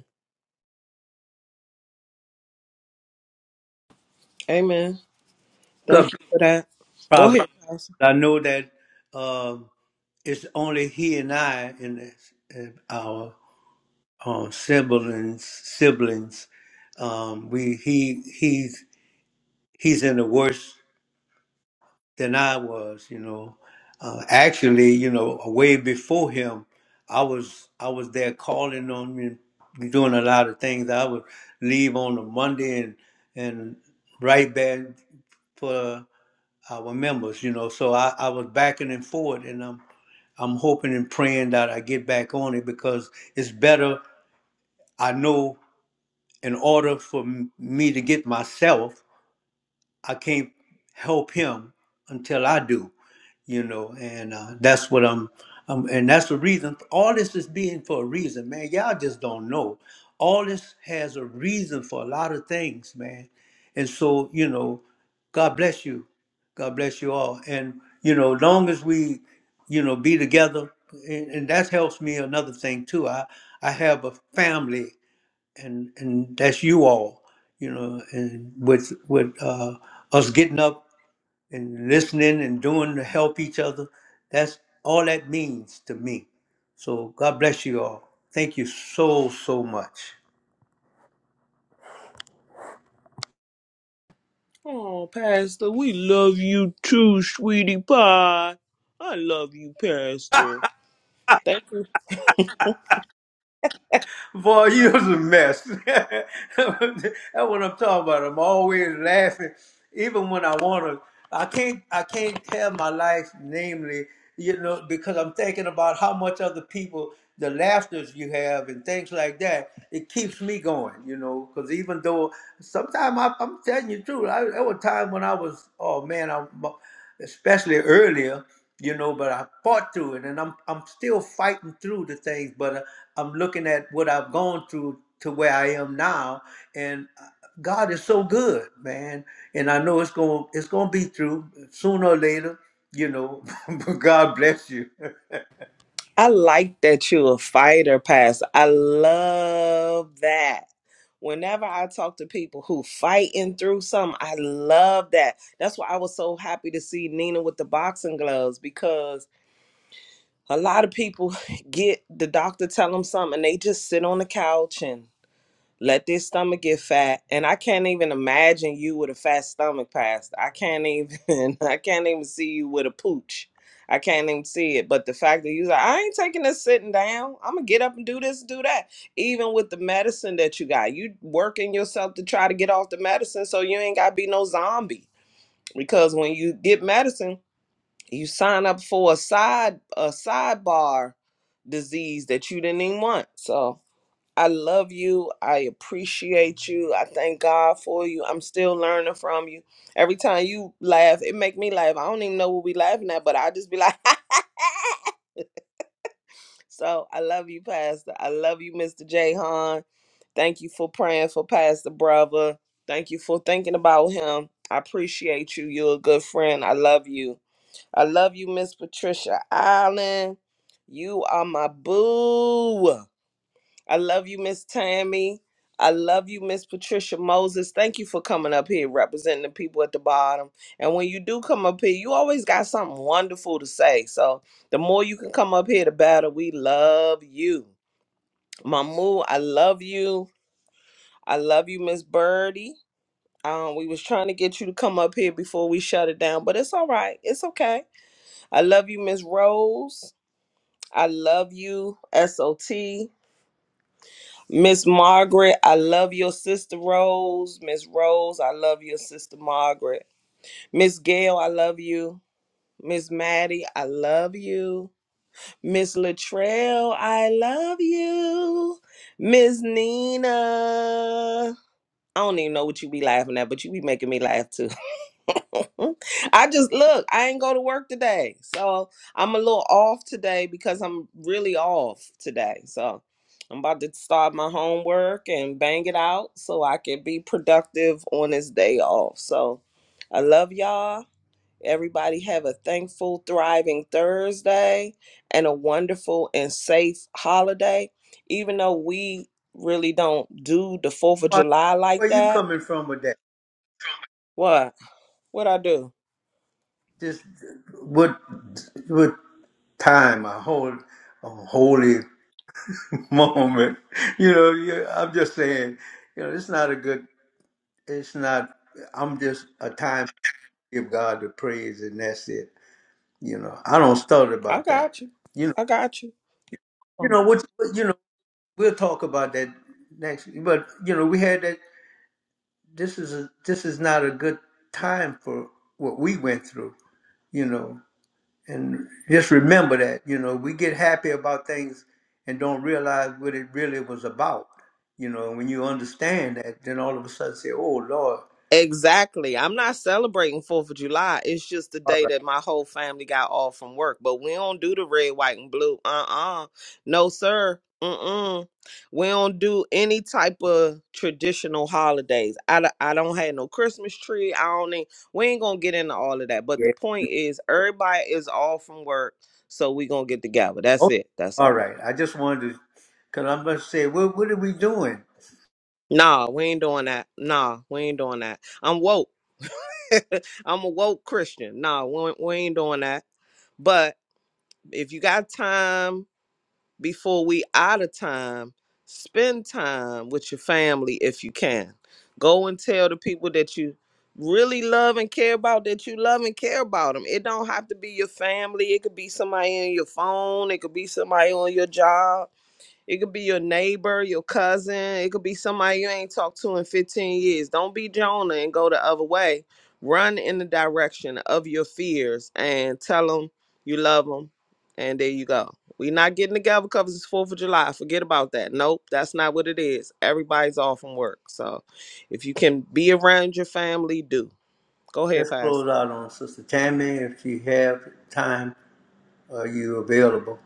Speaker 2: Amen.
Speaker 1: God, bless
Speaker 2: Thank you for that. Go
Speaker 1: Father,
Speaker 2: ahead, Pastor.
Speaker 1: I know that um it's only he and I and it's- and our uh, siblings. Siblings, um, we he he's he's in the worst than I was, you know. Uh, actually, you know, uh, way before him, I was I was there calling on him, doing a lot of things. I would leave on a Monday and and right back for our members, you know. So I, I was backing and forth, and I'm I'm hoping and praying that I get back on it because it's better. I know in order for m- me to get myself, I can't help him until I do you know and uh, that's what i'm um, and that's the reason all this is being for a reason man y'all just don't know all this has a reason for a lot of things man and so you know god bless you god bless you all and you know long as we you know be together and, and that helps me another thing too i i have a family and and that's you all you know and with with uh us getting up and listening and doing to help each other. That's all that means to me. So God bless you all. Thank you so, so much.
Speaker 2: Oh, Pastor, we love you too, sweetie pie. I love you, Pastor. Thank you
Speaker 1: Boy, you was a mess. That's what I'm talking about. I'm always laughing, even when I want to. I can't. I can't tell my life, namely, you know, because I'm thinking about how much other people, the laughters you have, and things like that. It keeps me going, you know. Because even though sometimes I, I'm telling you the truth, I, there were times when I was, oh man, I'm especially earlier you know but i fought through it and i'm i'm still fighting through the things but uh, i'm looking at what i've gone through to where i am now and uh, god is so good man and i know it's going to it's going to be through sooner or later you know but god bless you
Speaker 2: I like that you a fighter, Pastor. I love that. Whenever I talk to people who fighting through something, I love that. That's why I was so happy to see Nina with the boxing gloves because a lot of people get the doctor tell them something, and they just sit on the couch and let this stomach get fat and i can't even imagine you with a fat stomach past i can't even i can't even see you with a pooch i can't even see it but the fact that you like i ain't taking this sitting down i'm gonna get up and do this and do that even with the medicine that you got you working yourself to try to get off the medicine so you ain't gotta be no zombie because when you get medicine you sign up for a side a sidebar disease that you didn't even want so I love you. I appreciate you. I thank God for you. I'm still learning from you. Every time you laugh, it make me laugh. I don't even know what we laughing at, but I just be like, so I love you, Pastor. I love you, Mr. J. Hahn. Thank you for praying for Pastor Brother. Thank you for thinking about him. I appreciate you. You're a good friend. I love you. I love you, Miss Patricia Allen. You are my boo. I love you, Miss Tammy. I love you, Miss Patricia Moses. Thank you for coming up here representing the people at the bottom. And when you do come up here, you always got something wonderful to say. So the more you can come up here, the better. We love you. Mamu, I love you. I love you, Miss Birdie. Um, we was trying to get you to come up here before we shut it down, but it's all right. It's okay. I love you, Miss Rose. I love you, SOT. Miss Margaret, I love your sister Rose. Miss Rose, I love your sister Margaret. Miss Gail, I love you. Miss Maddie, I love you. Miss Latrell, I love you. Miss Nina. I don't even know what you be laughing at, but you be making me laugh too. I just look, I ain't go to work today. So I'm a little off today because I'm really off today. So I'm about to start my homework and bang it out so I can be productive on this day off. So I love y'all. Everybody have a thankful, thriving Thursday and a wonderful and safe holiday. Even though we really don't do the 4th of
Speaker 1: Father,
Speaker 2: July like
Speaker 1: where you
Speaker 2: that.
Speaker 1: coming from with that
Speaker 2: What? What I do?
Speaker 1: just what what time a whole a holy moment you know you- i'm just saying you know it's not a good it's not i'm just a time to give god the praise and that's it you know i don't stutter
Speaker 2: I
Speaker 1: about that
Speaker 2: got you.
Speaker 1: you know
Speaker 2: I got you.
Speaker 1: you
Speaker 2: Oh,
Speaker 1: know what you know we'll talk about that next but you know we had that this is a this is not a good time for what we went through you know and just remember that you know we get happy about things and don't realize what it really was about you know when you understand that then all of a sudden say oh lord
Speaker 2: Exactly. I'm not celebrating Fourth of July. It's just the day that my whole family got off from work. But we don't do the red, white, and blue. Uh uh No, sir. Mm mm. We don't do any type of traditional holidays. I, d- I don't have no Christmas tree. I don't need, we ain't gonna get into all of that. But the point is, everybody is off from work, so we gonna get together. That's it. That's
Speaker 1: All
Speaker 2: all.
Speaker 1: right. I just wanted to, because I'm going to say, what, what are we doing?
Speaker 2: Nah, we ain't doing that. Nah, we ain't doing that. I'm woke. I'm a woke Christian. Nah, we, we ain't doing that. But if you got time before we out of time, spend time with your family if you can. Go and tell the people that you really love and care about that you love and care about them. It don't have to be your family. It could be somebody in your phone. It could be somebody on your job it could be your neighbor, your cousin. It could be somebody you ain't talked to in 15 years. Don't be Jonah and go the other way. Run in the direction of your fears and tell them you love them. And there you go. we are not getting together because it's 4th of July. Forget about that. Nope, that's not what it is. Everybody's off from work. So if you can be around your family, do. Go ahead,
Speaker 1: Let's
Speaker 2: Pastor.
Speaker 1: close out on Sister Tammy if you have time. Are you available?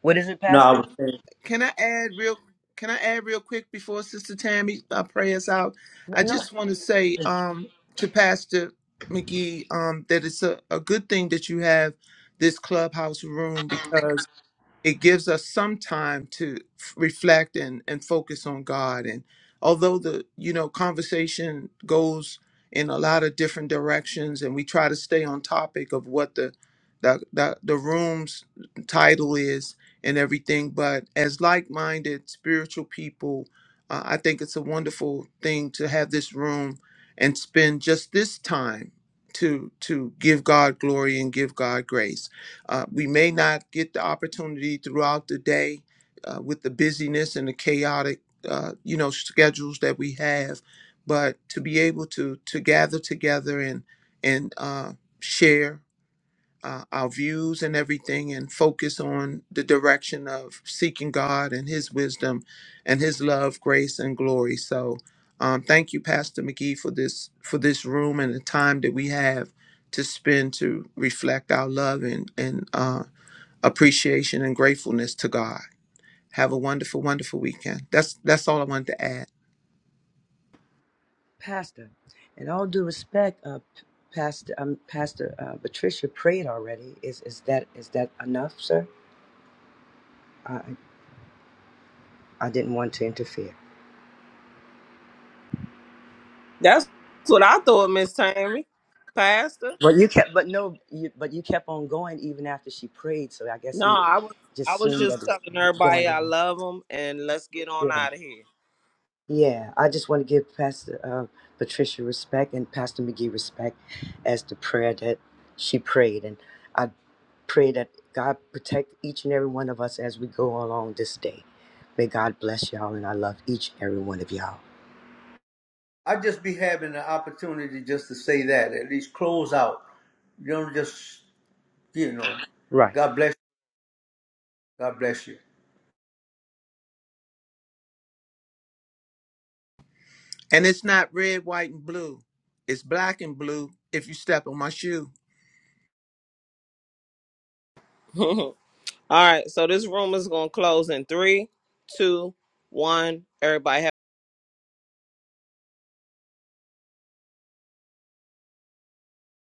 Speaker 4: What is it,
Speaker 1: No, I
Speaker 4: Pastor?
Speaker 1: was saying,
Speaker 7: Can I add real? Can I add real quick before Sister Tammy uh, pray us out?
Speaker 4: No,
Speaker 7: I
Speaker 4: no,
Speaker 7: just want to say um, to Pastor McGee um, that it's a, a good thing that you have this clubhouse room because it gives us some time to f- reflect and, and focus on God. And although the you know conversation goes in a lot of different directions, and we try to stay on topic of what the the the, the room's title is and everything, but as like-minded spiritual people, uh, I think it's a wonderful thing to have this room and spend just this time to to give God glory and give God grace. Uh, we may not get the opportunity throughout the day uh, with the busyness and the chaotic, uh, you know, schedules that we have, but to be able to to gather together and and uh, share uh, our views and everything, and focus on the direction of seeking God and His wisdom, and His love, grace, and glory. So, um, thank you, Pastor McGee, for this for this room and the time that we have to spend to reflect our love and and uh, appreciation and gratefulness to God. Have a wonderful, wonderful weekend. That's that's all I wanted to add.
Speaker 4: Pastor. In all due respect, uh, P- Pastor, um, Pastor uh, Patricia prayed already. Is is that is that enough, sir? I I didn't want to interfere.
Speaker 2: That's what I thought, Miss Tammy. Pastor.
Speaker 4: But you kept, but no, you, but you kept on going even after she prayed. So I guess
Speaker 2: No,
Speaker 4: he
Speaker 2: I was
Speaker 4: just
Speaker 2: I was
Speaker 4: assumed
Speaker 2: just
Speaker 4: that was
Speaker 2: telling everybody
Speaker 4: going
Speaker 2: I
Speaker 4: on.
Speaker 2: love them and let's get on
Speaker 4: Yeah.
Speaker 2: out of here.
Speaker 4: Yeah, I just want to give Pastor uh, Patricia respect and Pastor McGee respect as the prayer that she prayed. And I pray that God protect each and every one of us as we go along this day. May God bless y'all, and I love each and every one of you
Speaker 1: I'd just be having the opportunity just to say that, at least close out. You don't just, you know,
Speaker 4: Right.
Speaker 1: God bless you. God bless you.
Speaker 7: And it's not red, white, and blue. It's black and blue if you step on my shoe.
Speaker 2: All right, so this room is gonna close in three, two, one. Everybody. have.